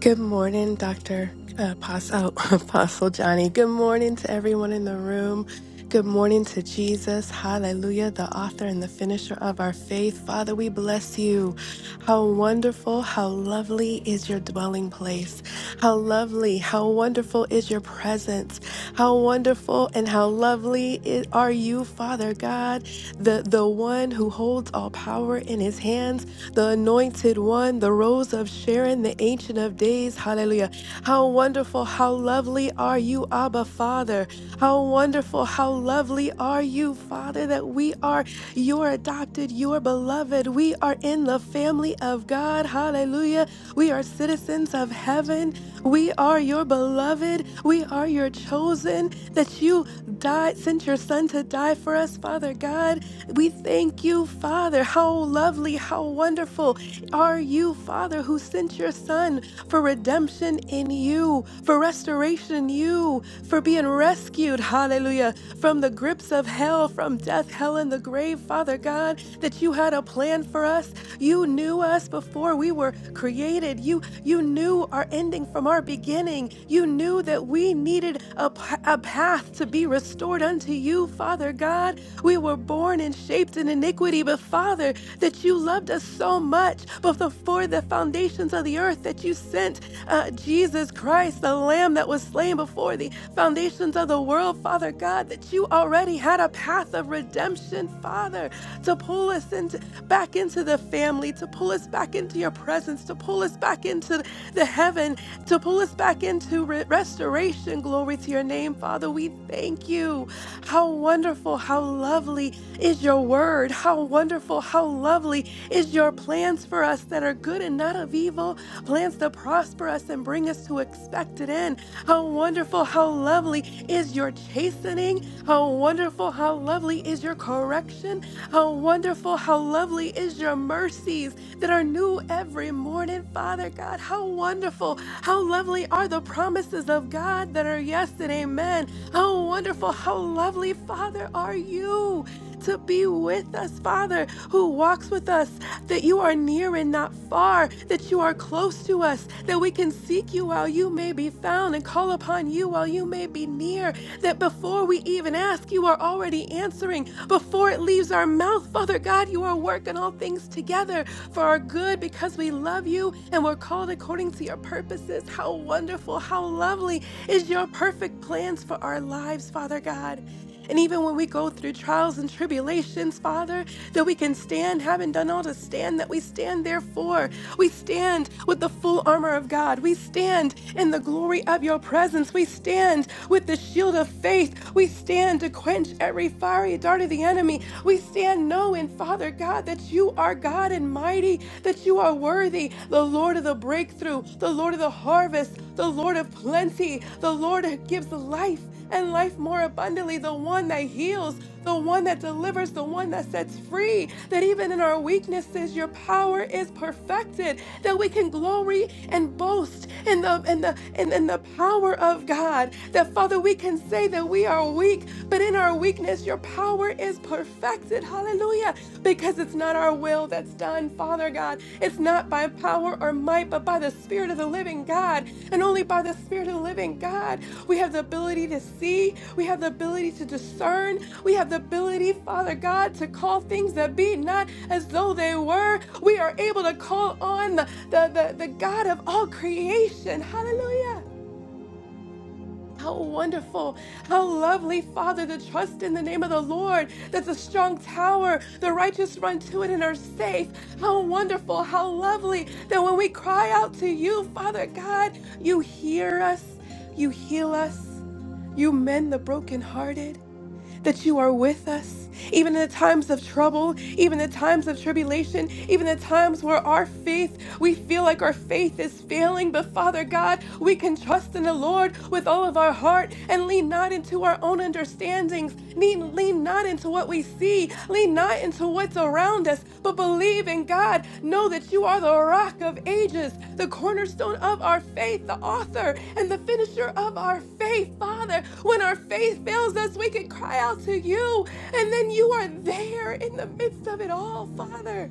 [SPEAKER 9] Good morning, Dr. Apostle, Apostle Johnny. Good morning to everyone in the room. Good morning to Jesus. Hallelujah, the author and the finisher of our faith. Father, we bless you. How wonderful, how lovely is your dwelling place. How lovely, how wonderful is your presence. How wonderful and how lovely i- are you, Father God, the, the one who holds all power in his hands the anointed one, the rose of Sharon, the ancient of days. Hallelujah. How wonderful, how lovely are you, Abba Father. How wonderful, how lovely are you, Father, that we are your adopted, your beloved. We are in the family of God. Hallelujah. We are citizens of heaven. We are your beloved. We are your chosen, that you died, sent your son to die for us, Father God. We thank you, Father. How lovely, how wonderful are you, Father, who sent your Son for redemption in you, for restoration in you, for being rescued, hallelujah, from the grips of hell, from death, hell, and the grave, Father God, that you had a plan for us. You knew us before we were created. You you knew our ending from our beginning. You knew that we needed a, p- a path to be restored unto you, Father God. We were born and shaped in iniquity, but Father, that you loved us so much before the foundations of the earth that you sent uh, Jesus Christ, the Lamb that was slain before the foundations of the world, Father God, that you already had a path of redemption, Father, to pull us into back into the family, to pull us back into your presence, to pull us back into the heaven, to pull us back into re- restoration. Glory to your name, Father. We thank you. How wonderful, how lovely is your word. How wonderful, how lovely is your plans for us that are good and not of evil, plans to prosper us and bring us to expected end. How wonderful, how lovely is your chastening. How wonderful, how lovely is your correction. How wonderful, how lovely is your mercies that are new every morning, Father God. How wonderful, how lovely are the promises of God that are yes and amen. How wonderful, how lovely, Father, are you to be with us, Father, who walks with us, that you are near and not far, that you are close to us, that we can seek you while you may be found and call upon you while you may be near, that before we even ask, you are already answering. Before it leaves our mouth, Father God, you are working all things together for our good because we love you and we're called according to your purposes. How wonderful, how lovely is your perfect plans for our lives, Father God. And even when we go through trials and tribulations, Father, that we can stand, having done all to stand, that we stand therefore. We stand with the full armor of God. We stand in the glory of your presence. We stand with the shield of faith. We stand to quench every fiery dart of the enemy. We stand knowing, Father God, that you are God and mighty, that you are worthy, the Lord of the breakthrough, the Lord of the harvest, the Lord of plenty, the Lord who gives life life and life more abundantly, the one that heals, the one that delivers, the one that sets free, that even in our weaknesses, your power is perfected, that we can glory and boast in the in the in, in the power of God. That Father, we can say that we are weak, but in our weakness, your power is perfected. Hallelujah. Because it's not our will that's done, Father God. It's not by power or might, but by the Spirit of the living God. And only by the Spirit of the living God. We have the ability to see. We have the ability to discern. We have the ability, Father God, to call things that be not as though they were. We are able to call on the, the, the, the God of all creation. Hallelujah. How wonderful, how lovely, Father, to trust in the name of the Lord. That's a strong tower. The righteous run to it and are safe. How wonderful, how lovely that when we cry out to you, Father God, you hear us, you heal us, you mend the brokenhearted, that you are with us, even in the times of trouble, even the times of tribulation, even the times where our faith we feel like our faith is failing, but Father God, we can trust in the Lord with all of our heart and lean not into our own understandings. Lean, lean not into what we see. Lean not into what's around us, but believe in God. Know that you are the rock of ages, the cornerstone of our faith, the author and the finisher of our faith. Father, when our faith fails us, we can cry out to you, and then you are there in the midst of it all, Father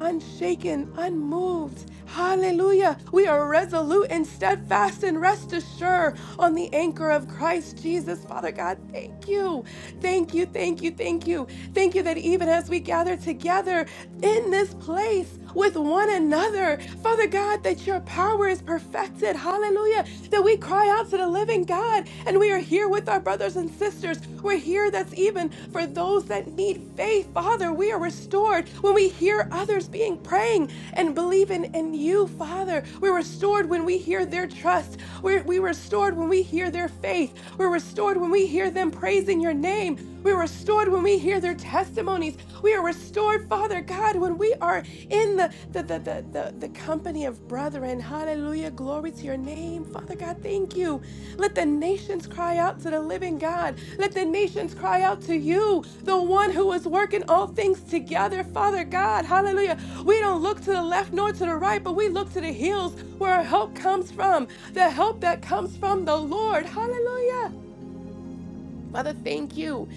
[SPEAKER 9] unshaken, unmoved. Hallelujah. We are resolute and steadfast and rest assured on the anchor of Christ Jesus. Father God, thank you. Thank you, thank you, thank you. Thank you that even as we gather together in this place with one another, Father God, that your power is perfected. Hallelujah. That we cry out to the living God and we are here with our brothers and sisters. We're here that's even even for those that need faith. Father, we are restored when we hear others being praying and believing in you, Father. We're restored when we hear their trust. We're, we're restored when we hear their faith. We're restored when we hear them praising your name. We're restored when we hear their testimonies. We are restored, Father God, when we are in the the the the, the, the company of brethren. Hallelujah. Glory to your name, Father God. Thank you. Let the nations cry out to the living God. Let the nations cry out to you, the one who is working all things together, Father God. Hallelujah. We don't look to the left nor to the right, but we look to the hills where our help comes from, the help that comes from the Lord. Hallelujah. Father, thank you.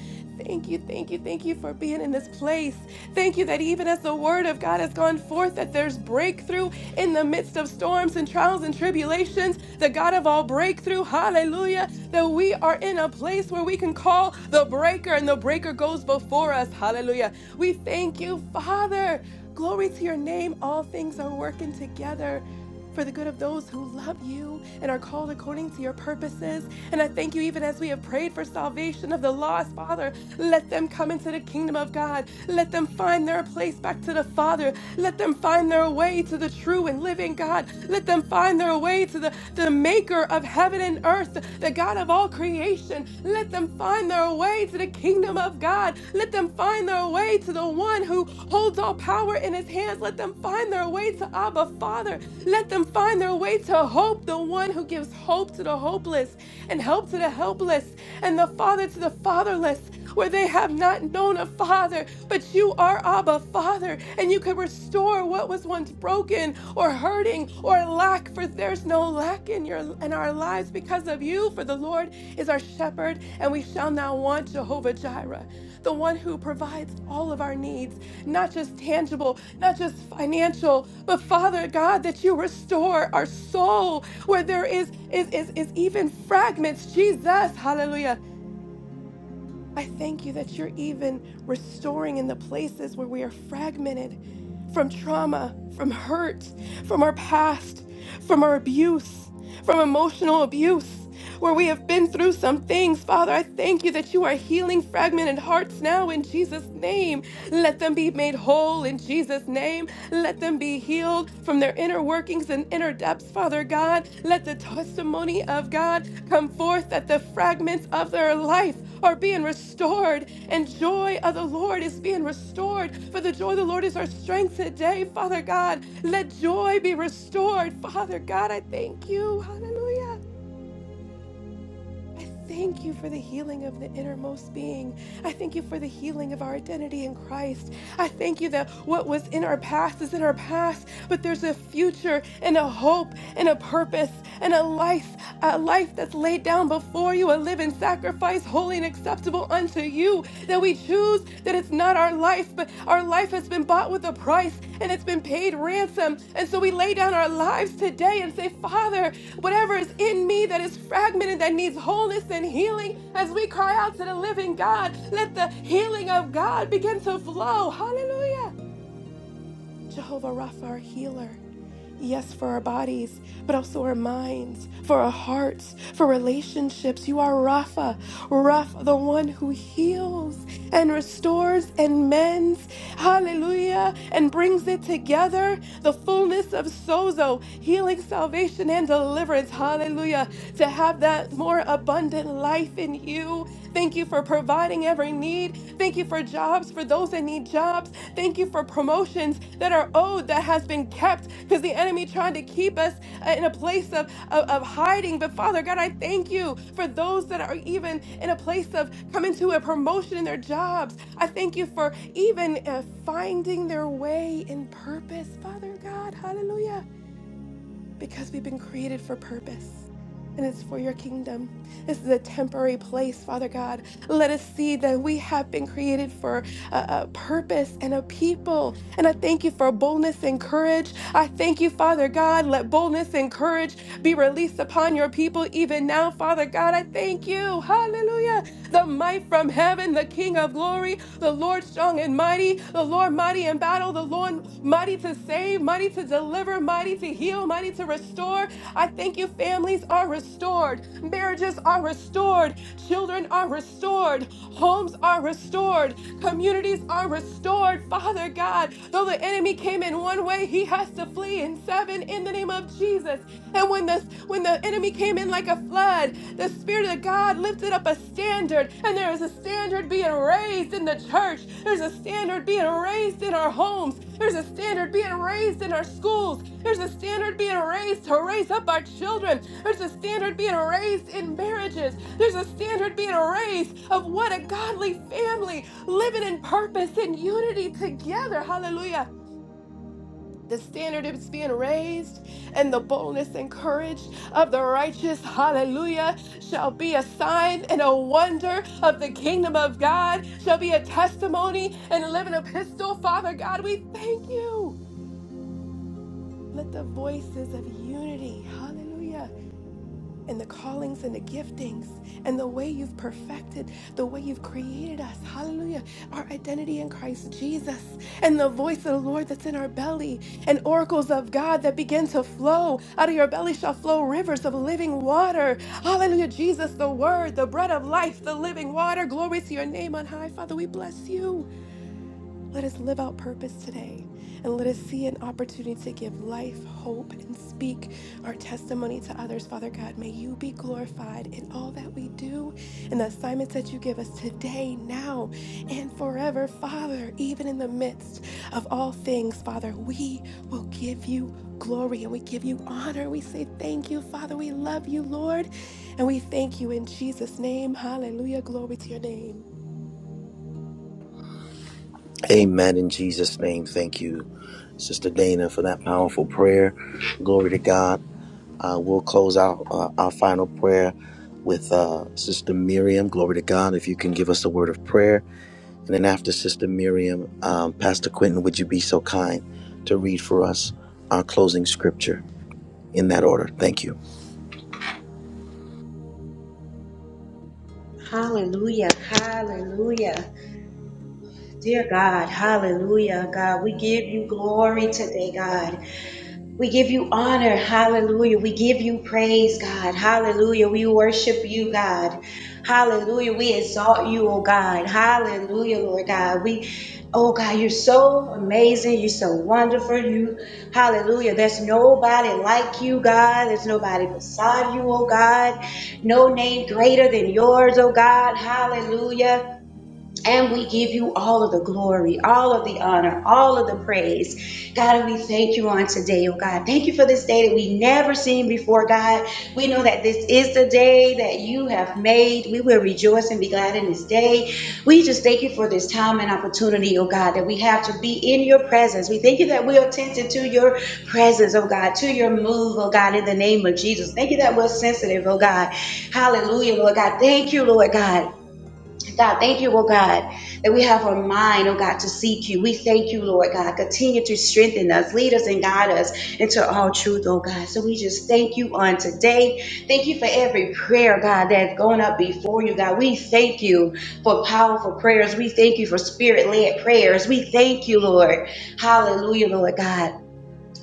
[SPEAKER 9] Thank you, thank you, thank you for being in this place. Thank you that even as the word of God has gone forth, that there's breakthrough in the midst of storms and trials and tribulations, the God of all breakthrough, hallelujah, that we are in a place where we can call the breaker and the breaker goes before us, hallelujah. We thank you, Father. Glory to your name. All things are working together for the good of those who love you and are called according to your purposes. And I thank you, even as we have prayed for salvation of the lost, Father, let them come into the kingdom of God. Let them find their place back to the Father. Let them find their way to the true and living God. Let them find their way to the, the maker of heaven and earth, the God of all creation. Let them find their way to the kingdom of God. Let them find their way to the one who holds all power in his hands. Let them find their way to Abba Father. Let them find their way to hope, the one who gives hope to the hopeless and help to the helpless and the father to the fatherless where they have not known a father, but you are Abba, Father, and you can restore what was once broken or hurting or lack, for there's no lack in your in our lives because of you, for the Lord is our shepherd, and we shall not want Jehovah Jireh, the one who provides all of our needs, not just tangible, not just financial, but Father God, that you restore our soul where there is is is, is even fragments. Jesus, hallelujah I thank you that you're even restoring in the places where we are fragmented from trauma, from hurt, from our past, from our abuse, from emotional abuse, where we have been through some things. Father, I thank you that you are healing fragmented hearts now in Jesus' name. Let them be made whole in Jesus' name. Let them be healed from their inner workings and inner depths, Father God. Let the testimony of God come forth that the fragments of their life are being restored and joy of the Lord is being restored. For the joy of the Lord is our strength today, Father God. Let joy be restored, Father God. I thank you. Hallelujah. I thank you for the healing of the innermost being. I thank you for the healing of our identity in Christ. I thank you that what was in our past is in our past, but there's a future and a hope and a purpose and a life, a life that's laid down before you, a living sacrifice, holy and acceptable unto you. That we choose that it's not our life, but our life has been bought with a price and it's been paid ransom. And so we lay down our lives today and say, Father, Whatever is in me that is fragmented, that needs wholeness and healing, as we cry out to the living God, let the healing of God begin to flow. Hallelujah. Jehovah Rapha, our healer. Yes, for our bodies, but also our minds, for our hearts, for relationships. You are Rapha, Rapha, the one who heals and restores and mends. Hallelujah. And brings it together. The fullness of sozo, healing, salvation, and deliverance. Hallelujah. To have that more abundantly abundant life in you. Thank you for providing every need. Thank you for jobs for those that need jobs. Thank you for promotions that are owed that has been kept because the enemy tried to keep us uh, in a place of, of, of hiding. But Father God, I thank you for those that are even in a place of coming to a promotion in their jobs. I thank you for even uh, finding their way in purpose, Father God. Hallelujah because we've been created for purpose. And it's for your kingdom. This is a temporary place, Father God. Let us see that we have been created for a, a purpose and a people. And I thank you for boldness and courage. I thank you, Father God. Let boldness and courage be released upon your people even now, Father God. I thank you. Hallelujah. The might from heaven, the King of glory the Lord strong and mighty, the Lord mighty in battle, the Lord mighty to save, mighty to deliver, mighty to heal, mighty to restore. I thank you, families are restored, marriages are restored, children are restored, homes are restored, communities are restored. Father God, though the enemy came in one way, he has to flee in seven in the name of Jesus. And when the when the enemy came in like a flood, the Spirit of God lifted up a standard, and there is a standard being raised in the church. There's a standard being raised in our homes. There's a standard being raised in our schools. There's a standard being raised to raise up our children. There's a standard being raised in marriages. There's a standard being raised of what a godly family living in purpose and unity together. Hallelujah. The standard is being raised, and the boldness and courage of the righteous, hallelujah, shall be a sign and a wonder of the kingdom of God, shall be a testimony and a living epistle. Father God, we thank you. Let the voices of unity, hallelujah and the callings and the giftings and the way you've perfected, the way you've created us. Hallelujah. Our identity in Christ Jesus and the voice of the Lord that's in our belly and oracles of God that begin to flow. Out of your belly shall flow rivers of living water. Hallelujah. Jesus, the word, the bread of life, the living water. Glory to your name on high. Father, we bless you. Let us live out purpose today and let us see an opportunity to give life, hope, and speak our testimony to others. Father God, may you be glorified in all that we do and the assignments that you give us today, now, and forever. Father, even in the midst of all things, Father, we will give you glory and we give you honor. We say thank you, Father. We love you, Lord, and we thank you in Jesus' name. Hallelujah. Glory to your name.
[SPEAKER 5] Amen. In Jesus' name, thank you, Sister Dana, for that powerful prayer. Glory to God. Uh, we'll close out uh, our final prayer with uh, Sister Miriam. Glory to God. If you can give us a word of prayer. And then after Sister Miriam, um, Pastor Quentin, would you be so kind to read for us our closing scripture in that order? Thank you.
[SPEAKER 10] Hallelujah. Hallelujah. Dear God, hallelujah. God, we give you glory today, God. We give you honor. Hallelujah. We give you praise, God. Hallelujah. We worship you, God. Hallelujah. We exalt you, oh God. Hallelujah, Lord God. We, oh God, you're so amazing. You're so wonderful. You, hallelujah. There's nobody like you, God. There's nobody beside you, oh God. No name greater than yours, oh God. Hallelujah. And we give you all of the glory, all of the honor, all of the praise. God, and we thank you on today, oh God. Thank you for this day that we never seen before, God. We know that this is the day that you have made. We will rejoice and be glad in this day. We just thank you for this time and opportunity, oh God, that we have to be in your presence. We thank you that we're attentive to your presence, oh God, to your move, oh God, in the name of Jesus. Thank you that we're sensitive, oh God. Hallelujah, Lord God. Thank you, Lord God. God, thank you, oh God, that we have our mind, oh God, to seek you. We thank you, Lord God. Continue to strengthen us, lead us, and guide us into all truth, oh God. So we just thank you on today. Thank you for every prayer, God, that's gone up before you, God. We thank you for powerful prayers. We thank you for spirit led prayers. We thank you, Lord. Hallelujah, Lord God.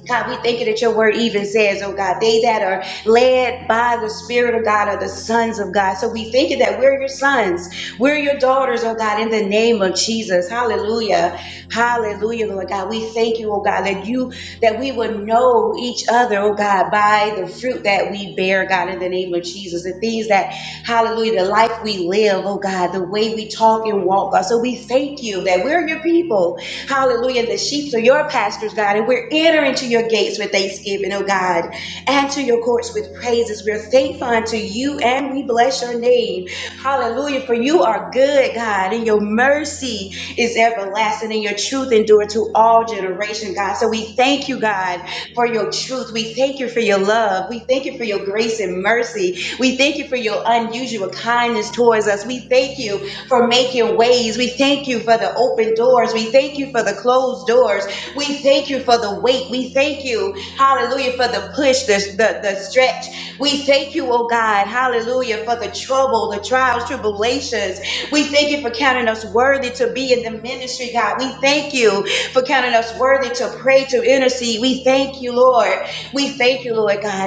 [SPEAKER 10] God, we thank you that your word even says, oh God, they that are led by the Spirit of God are the sons of God. So we thank you that we're your sons. We're your daughters, oh God, in the name of Jesus. Hallelujah. Hallelujah, Lord God. We thank you, oh God, that you, that we would know each other, oh God, by the fruit that we bear, God, in the name of Jesus. Jesus, the things that, hallelujah, the life we live, oh God, the way we talk and walk, God. So we thank you that we're your people, hallelujah, the sheep are your pastors, God, and we're entering to your gates with thanksgiving, oh God, and to your courts with praises. We're thankful unto you and we bless your name, hallelujah, for you are good, God, and your mercy is everlasting and your truth endure to all generation, God. So we thank you, God, for your truth. We thank you for your love. We thank you for your grace and mercy. We thank you for your unusual kindness towards us. We thank you for making ways. We thank you for the open doors. We thank you for the closed doors. We thank you for the wait. We thank you, hallelujah, for the push, the, the, the stretch. We thank you, oh God, hallelujah, for the trouble, the trials, tribulations. We thank you for counting us worthy to be in the ministry, God. We thank you for counting us worthy to pray, to intercede. We thank you, Lord. We thank you, Lord God.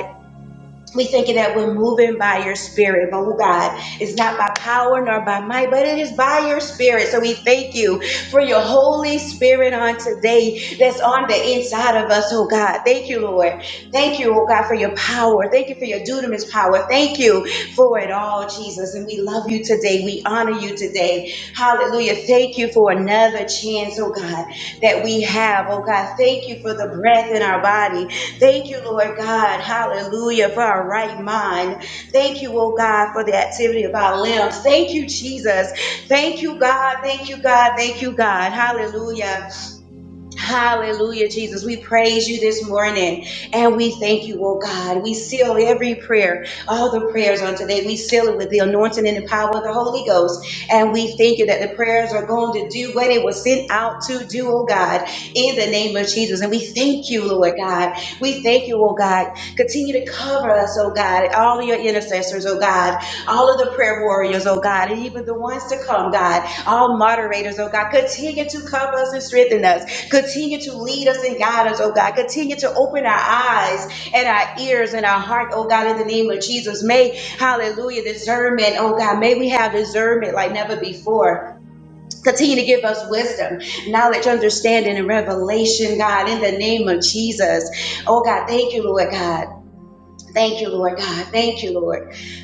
[SPEAKER 10] We thinking that we're moving by your spirit, but oh God, it's not by power nor by might, but it is by your spirit. So we thank you for your Holy Spirit on today that's on the inside of us, oh God. Thank you, Lord. Thank you, oh God, for your power. Thank you for your dunamis power. Thank you for it all, Jesus. And we love you today. We honor you today. Hallelujah. Thank you for another chance, oh God, that we have, oh God. Thank you for the breath in our body. Thank you, Lord God. Hallelujah for our right mind. Thank you, oh God, for the activity of our limbs. Thank you, Jesus. Thank you, God. Thank you, God. Thank you, God. Hallelujah. Hallelujah, Jesus. We praise you this morning and we thank you, oh God. We seal every prayer, all the prayers on today. We seal it with the anointing and the power of the Holy Ghost. And we thank you that the prayers are going to do what it was sent out to do, oh God, in the name of Jesus. And we thank you, Lord God. We thank you, oh God. Continue to cover us, oh God, all of your intercessors, oh God, all of the prayer warriors, oh God, and even the ones to come, God, all moderators, oh God. Continue to cover us and strengthen us. Continue to lead us and guide us, oh God. Continue to open our eyes and our ears and our heart, oh God, in the name of Jesus. May, hallelujah, discernment, oh God, may we have discernment like never before. Continue to give us wisdom, knowledge, understanding, and revelation, God, in the name of Jesus. Oh God, thank you, Lord God. Thank you, Lord God. Thank you, Lord.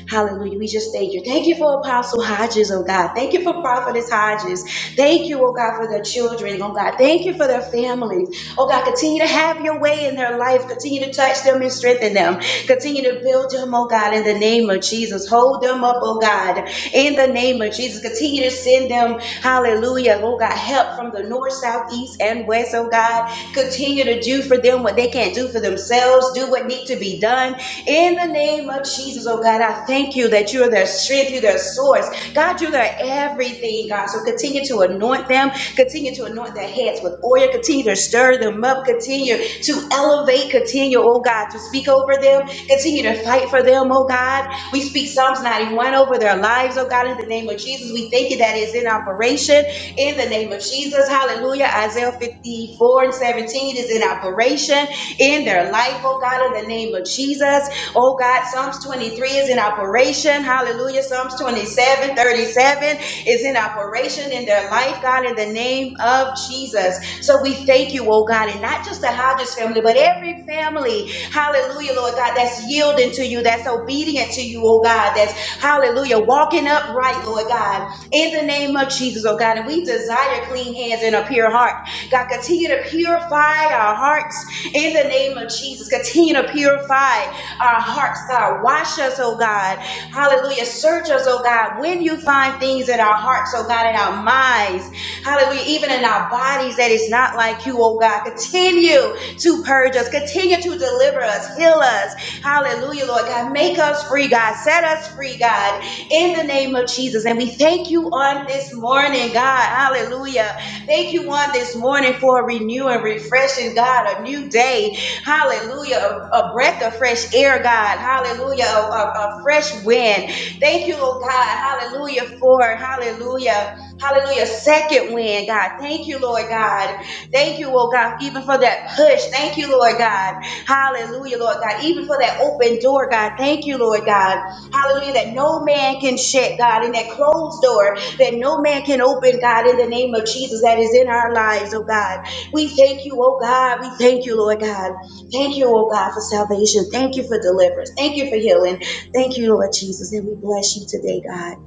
[SPEAKER 10] Hallelujah. We just thank you. Thank you for Apostle Hodges, oh God. Thank you for Prophetess Hodges. Thank you, oh God, for their children, oh God. Thank you for their families. Oh God, continue to have your way in their life. Continue to touch them and strengthen them. Continue to build them, oh God, in the name of Jesus. Hold them up, oh God, in the name of Jesus. Continue to send them, hallelujah, oh God, help from the north, south, east, and west, oh God. Continue to do for them what they can't do for themselves. Do what needs to be done. In the name of Jesus, oh God, I thank you that you are their strength, you're their source. God, you're their everything, God. So continue to anoint them. Continue to anoint their heads with oil. Continue to stir them up. Continue continue to elevate, continue, oh God, to speak over them, continue to fight for them, oh God. We speak Psalms 91 over their lives, oh God, in the name of Jesus. We thank you that is in operation in the name of Jesus. Hallelujah. Isaiah 54 and 17 is in operation in their life, oh God, in the name of Jesus. Oh God, Psalms 23 is in operation. Hallelujah. Psalms 27, 37 is in operation in their life, God, in the name of Jesus. So we thank you, oh God, and not just the Hodges family, but every family, hallelujah, Lord God, that's yielding to you, that's obedient to you, oh God, that's, hallelujah, walking upright, Lord God, in the name of Jesus, oh God. And we desire clean hands and a pure heart. God, continue to purify our hearts in the name of Jesus. Continue to purify our hearts, God. Wash us, oh God, Hallelujah. Search us, oh God, when you find things in our hearts, oh God, in our minds. Hallelujah. Even in our bodies that is not like you, oh God. Continue to purge us. Continue to deliver us. Heal us. Hallelujah, Lord God. Make us free, God. Set us free, God, in the name of Jesus. And we thank you on this morning, God. Hallelujah. Thank you on this morning for a renew and refreshing, God, a new day. Hallelujah. A, a breath of fresh air, God. Hallelujah. A, a, a fresh wind. Thank you, Lord God. Hallelujah for, hallelujah. Hallelujah. Second wind, God. Thank you, Lord God. Thank you, Lord God, even for that push. Thank you, Lord God. Hallelujah, Lord God. Even for that open door, God. Thank you, Lord God. Hallelujah. That no man can shut, God. And that closed door that no man can open, God, in the name of Jesus that is in our lives, oh God. We thank you, oh God. We thank you, Lord God. Thank you, oh God, for salvation. Thank you for deliverance. Thank you for healing. Thank you, Lord Jesus. And we bless you today, God.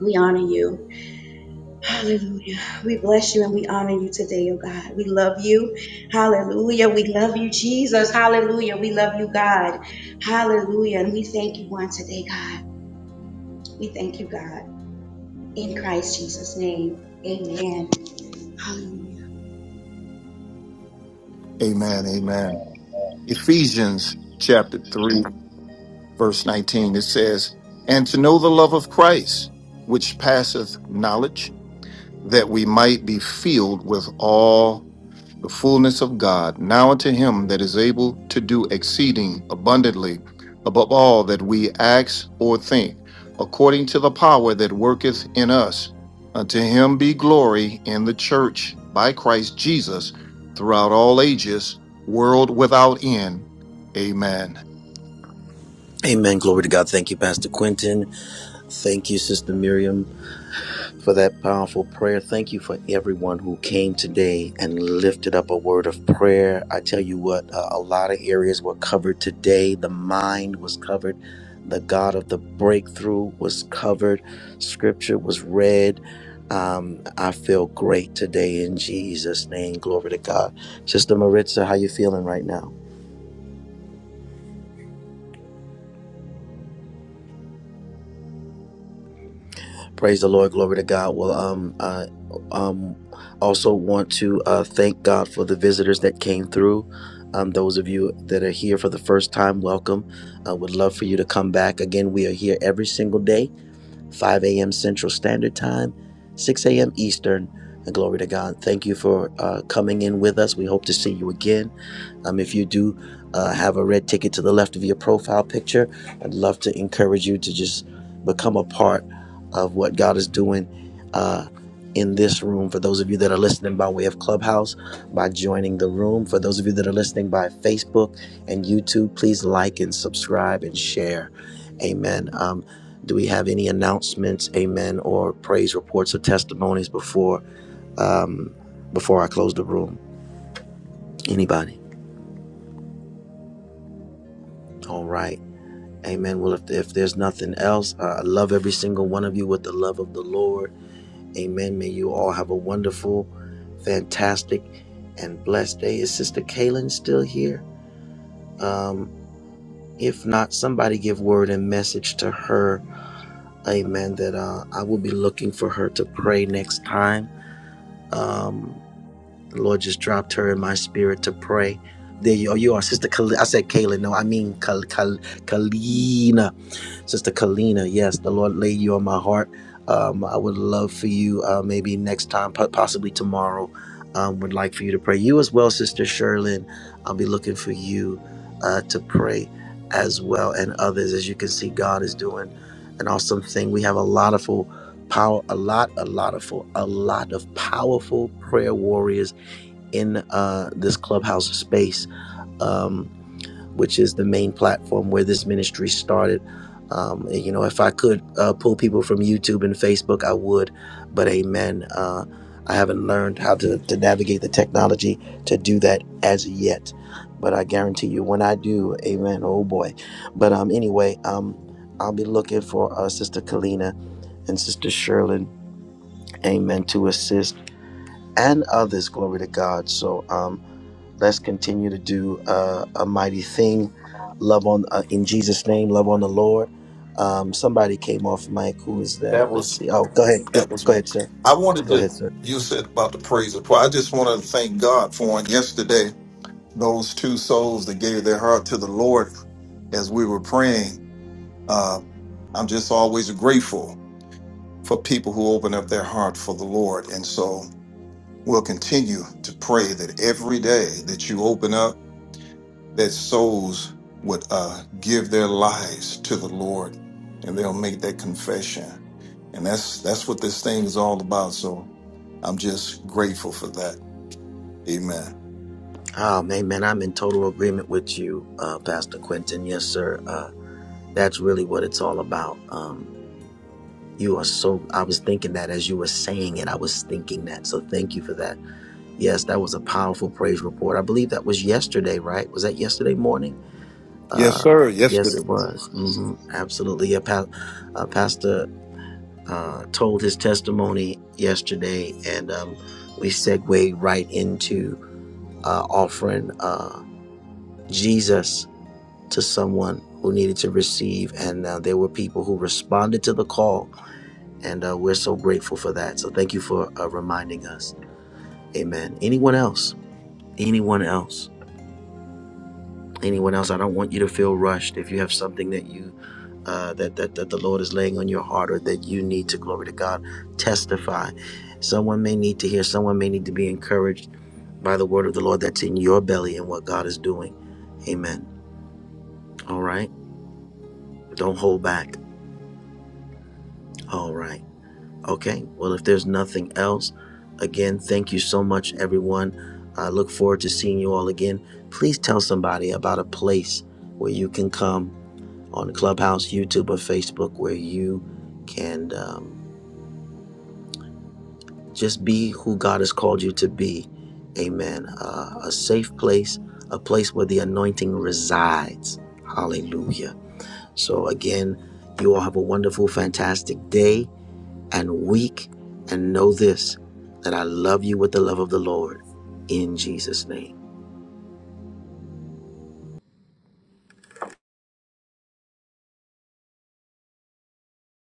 [SPEAKER 10] We honor you. Hallelujah. We bless you and we honor you today, oh God. We love you. Hallelujah. We love you, Jesus. Hallelujah. We love you, God. Hallelujah. And we thank you on today, God. We thank you, God. In Christ Jesus' name. Amen. Hallelujah.
[SPEAKER 8] Amen. Amen. Ephesians chapter 3, verse 19, it says, And to know the love of Christ, which passeth knowledge, that we might be filled with all the fullness of God, now unto him that is able to do exceeding abundantly above all that we ask or think, according to the power that worketh in us. Unto him be glory in the church by Christ Jesus throughout all ages, world without end. Amen.
[SPEAKER 5] Amen. Glory to God. Thank you, Pastor Quentin. Thank you, Sister Miriam. for that powerful prayer. Thank you for everyone who came today and lifted up a word of prayer. I tell you what, uh, a lot of areas were covered today. The mind was covered. The God of the breakthrough was covered. Scripture was read. Um, I feel great today in Jesus' name. Glory to God. Sister Maritza, how you feeling right now? Praise the Lord. Glory to God. Well, um, I um also want to uh, thank God for the visitors that came through. Um, those of you that are here for the first time, welcome. I would love for you to come back. Again, we are here every single day. 5 a.m. Central Standard Time, 6 a.m. Eastern. And glory to God. Thank you for uh, coming in with us. We hope to see you again. Um, if you do uh, have a red ticket to the left of your profile picture, I'd love to encourage you to just become a part of what God is doing uh, in this room. For those of you that are listening by way of Clubhouse, by joining the room. For those of you that are listening by Facebook and YouTube, please like and subscribe and share. Amen. Um, do we have any announcements, amen, or praise reports or testimonies before um, before I close the room? Anybody? All right. Amen. Well, if, if there's nothing else, uh, I love every single one of you with the love of the Lord. Amen. May you all have a wonderful, fantastic, and blessed day. Is Sister Kaylin still here? Um, if not, somebody give word and message to her. Amen. That uh, I will be looking for her to pray next time. Um, The Lord just dropped her in my spirit to pray. There you are, you are, Sister. Kal- I said Kayla. No, I mean Kal- Kal- Kalina, Sister Kalina. Yes, the Lord laid you on my heart. Um, I would love for you, uh, maybe next time, po- possibly tomorrow. Um, would like for you to pray. You as well, Sister Sherlyn. I'll be looking for you uh, to pray as well, and others. As you can see, God is doing an awesome thing. We have a lot of full power, a lot, a lot of full, a lot of powerful prayer warriors in uh, this clubhouse space, um, which is the main platform where this ministry started. Um, you know, if I could uh, pull people from YouTube and Facebook, I would. But amen. Uh, I haven't learned how to, to navigate the technology to do that as yet. But I guarantee you, when I do, amen. Oh boy. But um, anyway, um, I'll be looking for uh, Sister Kalina and Sister Sherlyn, amen, to assist and others. Glory to God. So, um, Let's continue to do uh, a mighty thing. Love on uh, in Jesus' name. Love on the Lord. Um, somebody came off mic. Who is that? Let's see. Oh, go ahead. Go,
[SPEAKER 8] That was
[SPEAKER 5] go
[SPEAKER 8] me.
[SPEAKER 5] ahead, sir.
[SPEAKER 8] I wanted
[SPEAKER 5] Go ahead,
[SPEAKER 8] to,
[SPEAKER 5] sir.
[SPEAKER 8] you said about the praise of I just wanted to thank God for on yesterday, those two souls that gave their heart to the Lord as we were praying Uh, I'm just always grateful for people who open up their heart for the Lord. And so we'll continue to pray that every day that you open up, that souls would uh, give their lives to the Lord and they'll make that confession. And that's that's what this thing is all about. So I'm just grateful for that. Amen.
[SPEAKER 5] Oh man, man, I'm in total agreement with you, uh, Pastor Quentin. Yes, sir. Uh, that's really what it's all about. Um, you are so. I was thinking that as you were saying it, I was thinking that. So thank you for that. Yes, that was a powerful praise report. I believe that was yesterday, right? Was that yesterday morning?
[SPEAKER 8] Yes,
[SPEAKER 5] Uh,
[SPEAKER 8] sir. Yes,
[SPEAKER 5] yes, it was. hmm Absolutely. Yeah, pa- uh, Pastor uh, told his testimony yesterday, and um, we segue right into uh, offering uh, Jesus to someone who needed to receive. And uh, there were people who responded to the call, and uh, we're so grateful for that. So thank you for uh, reminding us. Amen. Anyone else? Anyone else? anyone else. I don't want you to feel rushed. If you have something that you uh, that, that that the Lord is laying on your heart or that you need to glory to God, testify. Someone may need to hear. Someone may need to be encouraged by the word of the Lord that's in your belly and what God is doing. Amen. All right. Don't hold back. All right. Okay. Well, if there's nothing else, again, thank you so much, everyone. I look forward to seeing you all again. Please tell somebody about a place where you can come on Clubhouse, YouTube, or Facebook where you can um, just be who God has called you to be. Amen. Uh, a safe place, a place where the anointing resides. Hallelujah. So, again, you all have a wonderful, fantastic day and week. And know this that I love you with the love of the Lord in Jesus' name.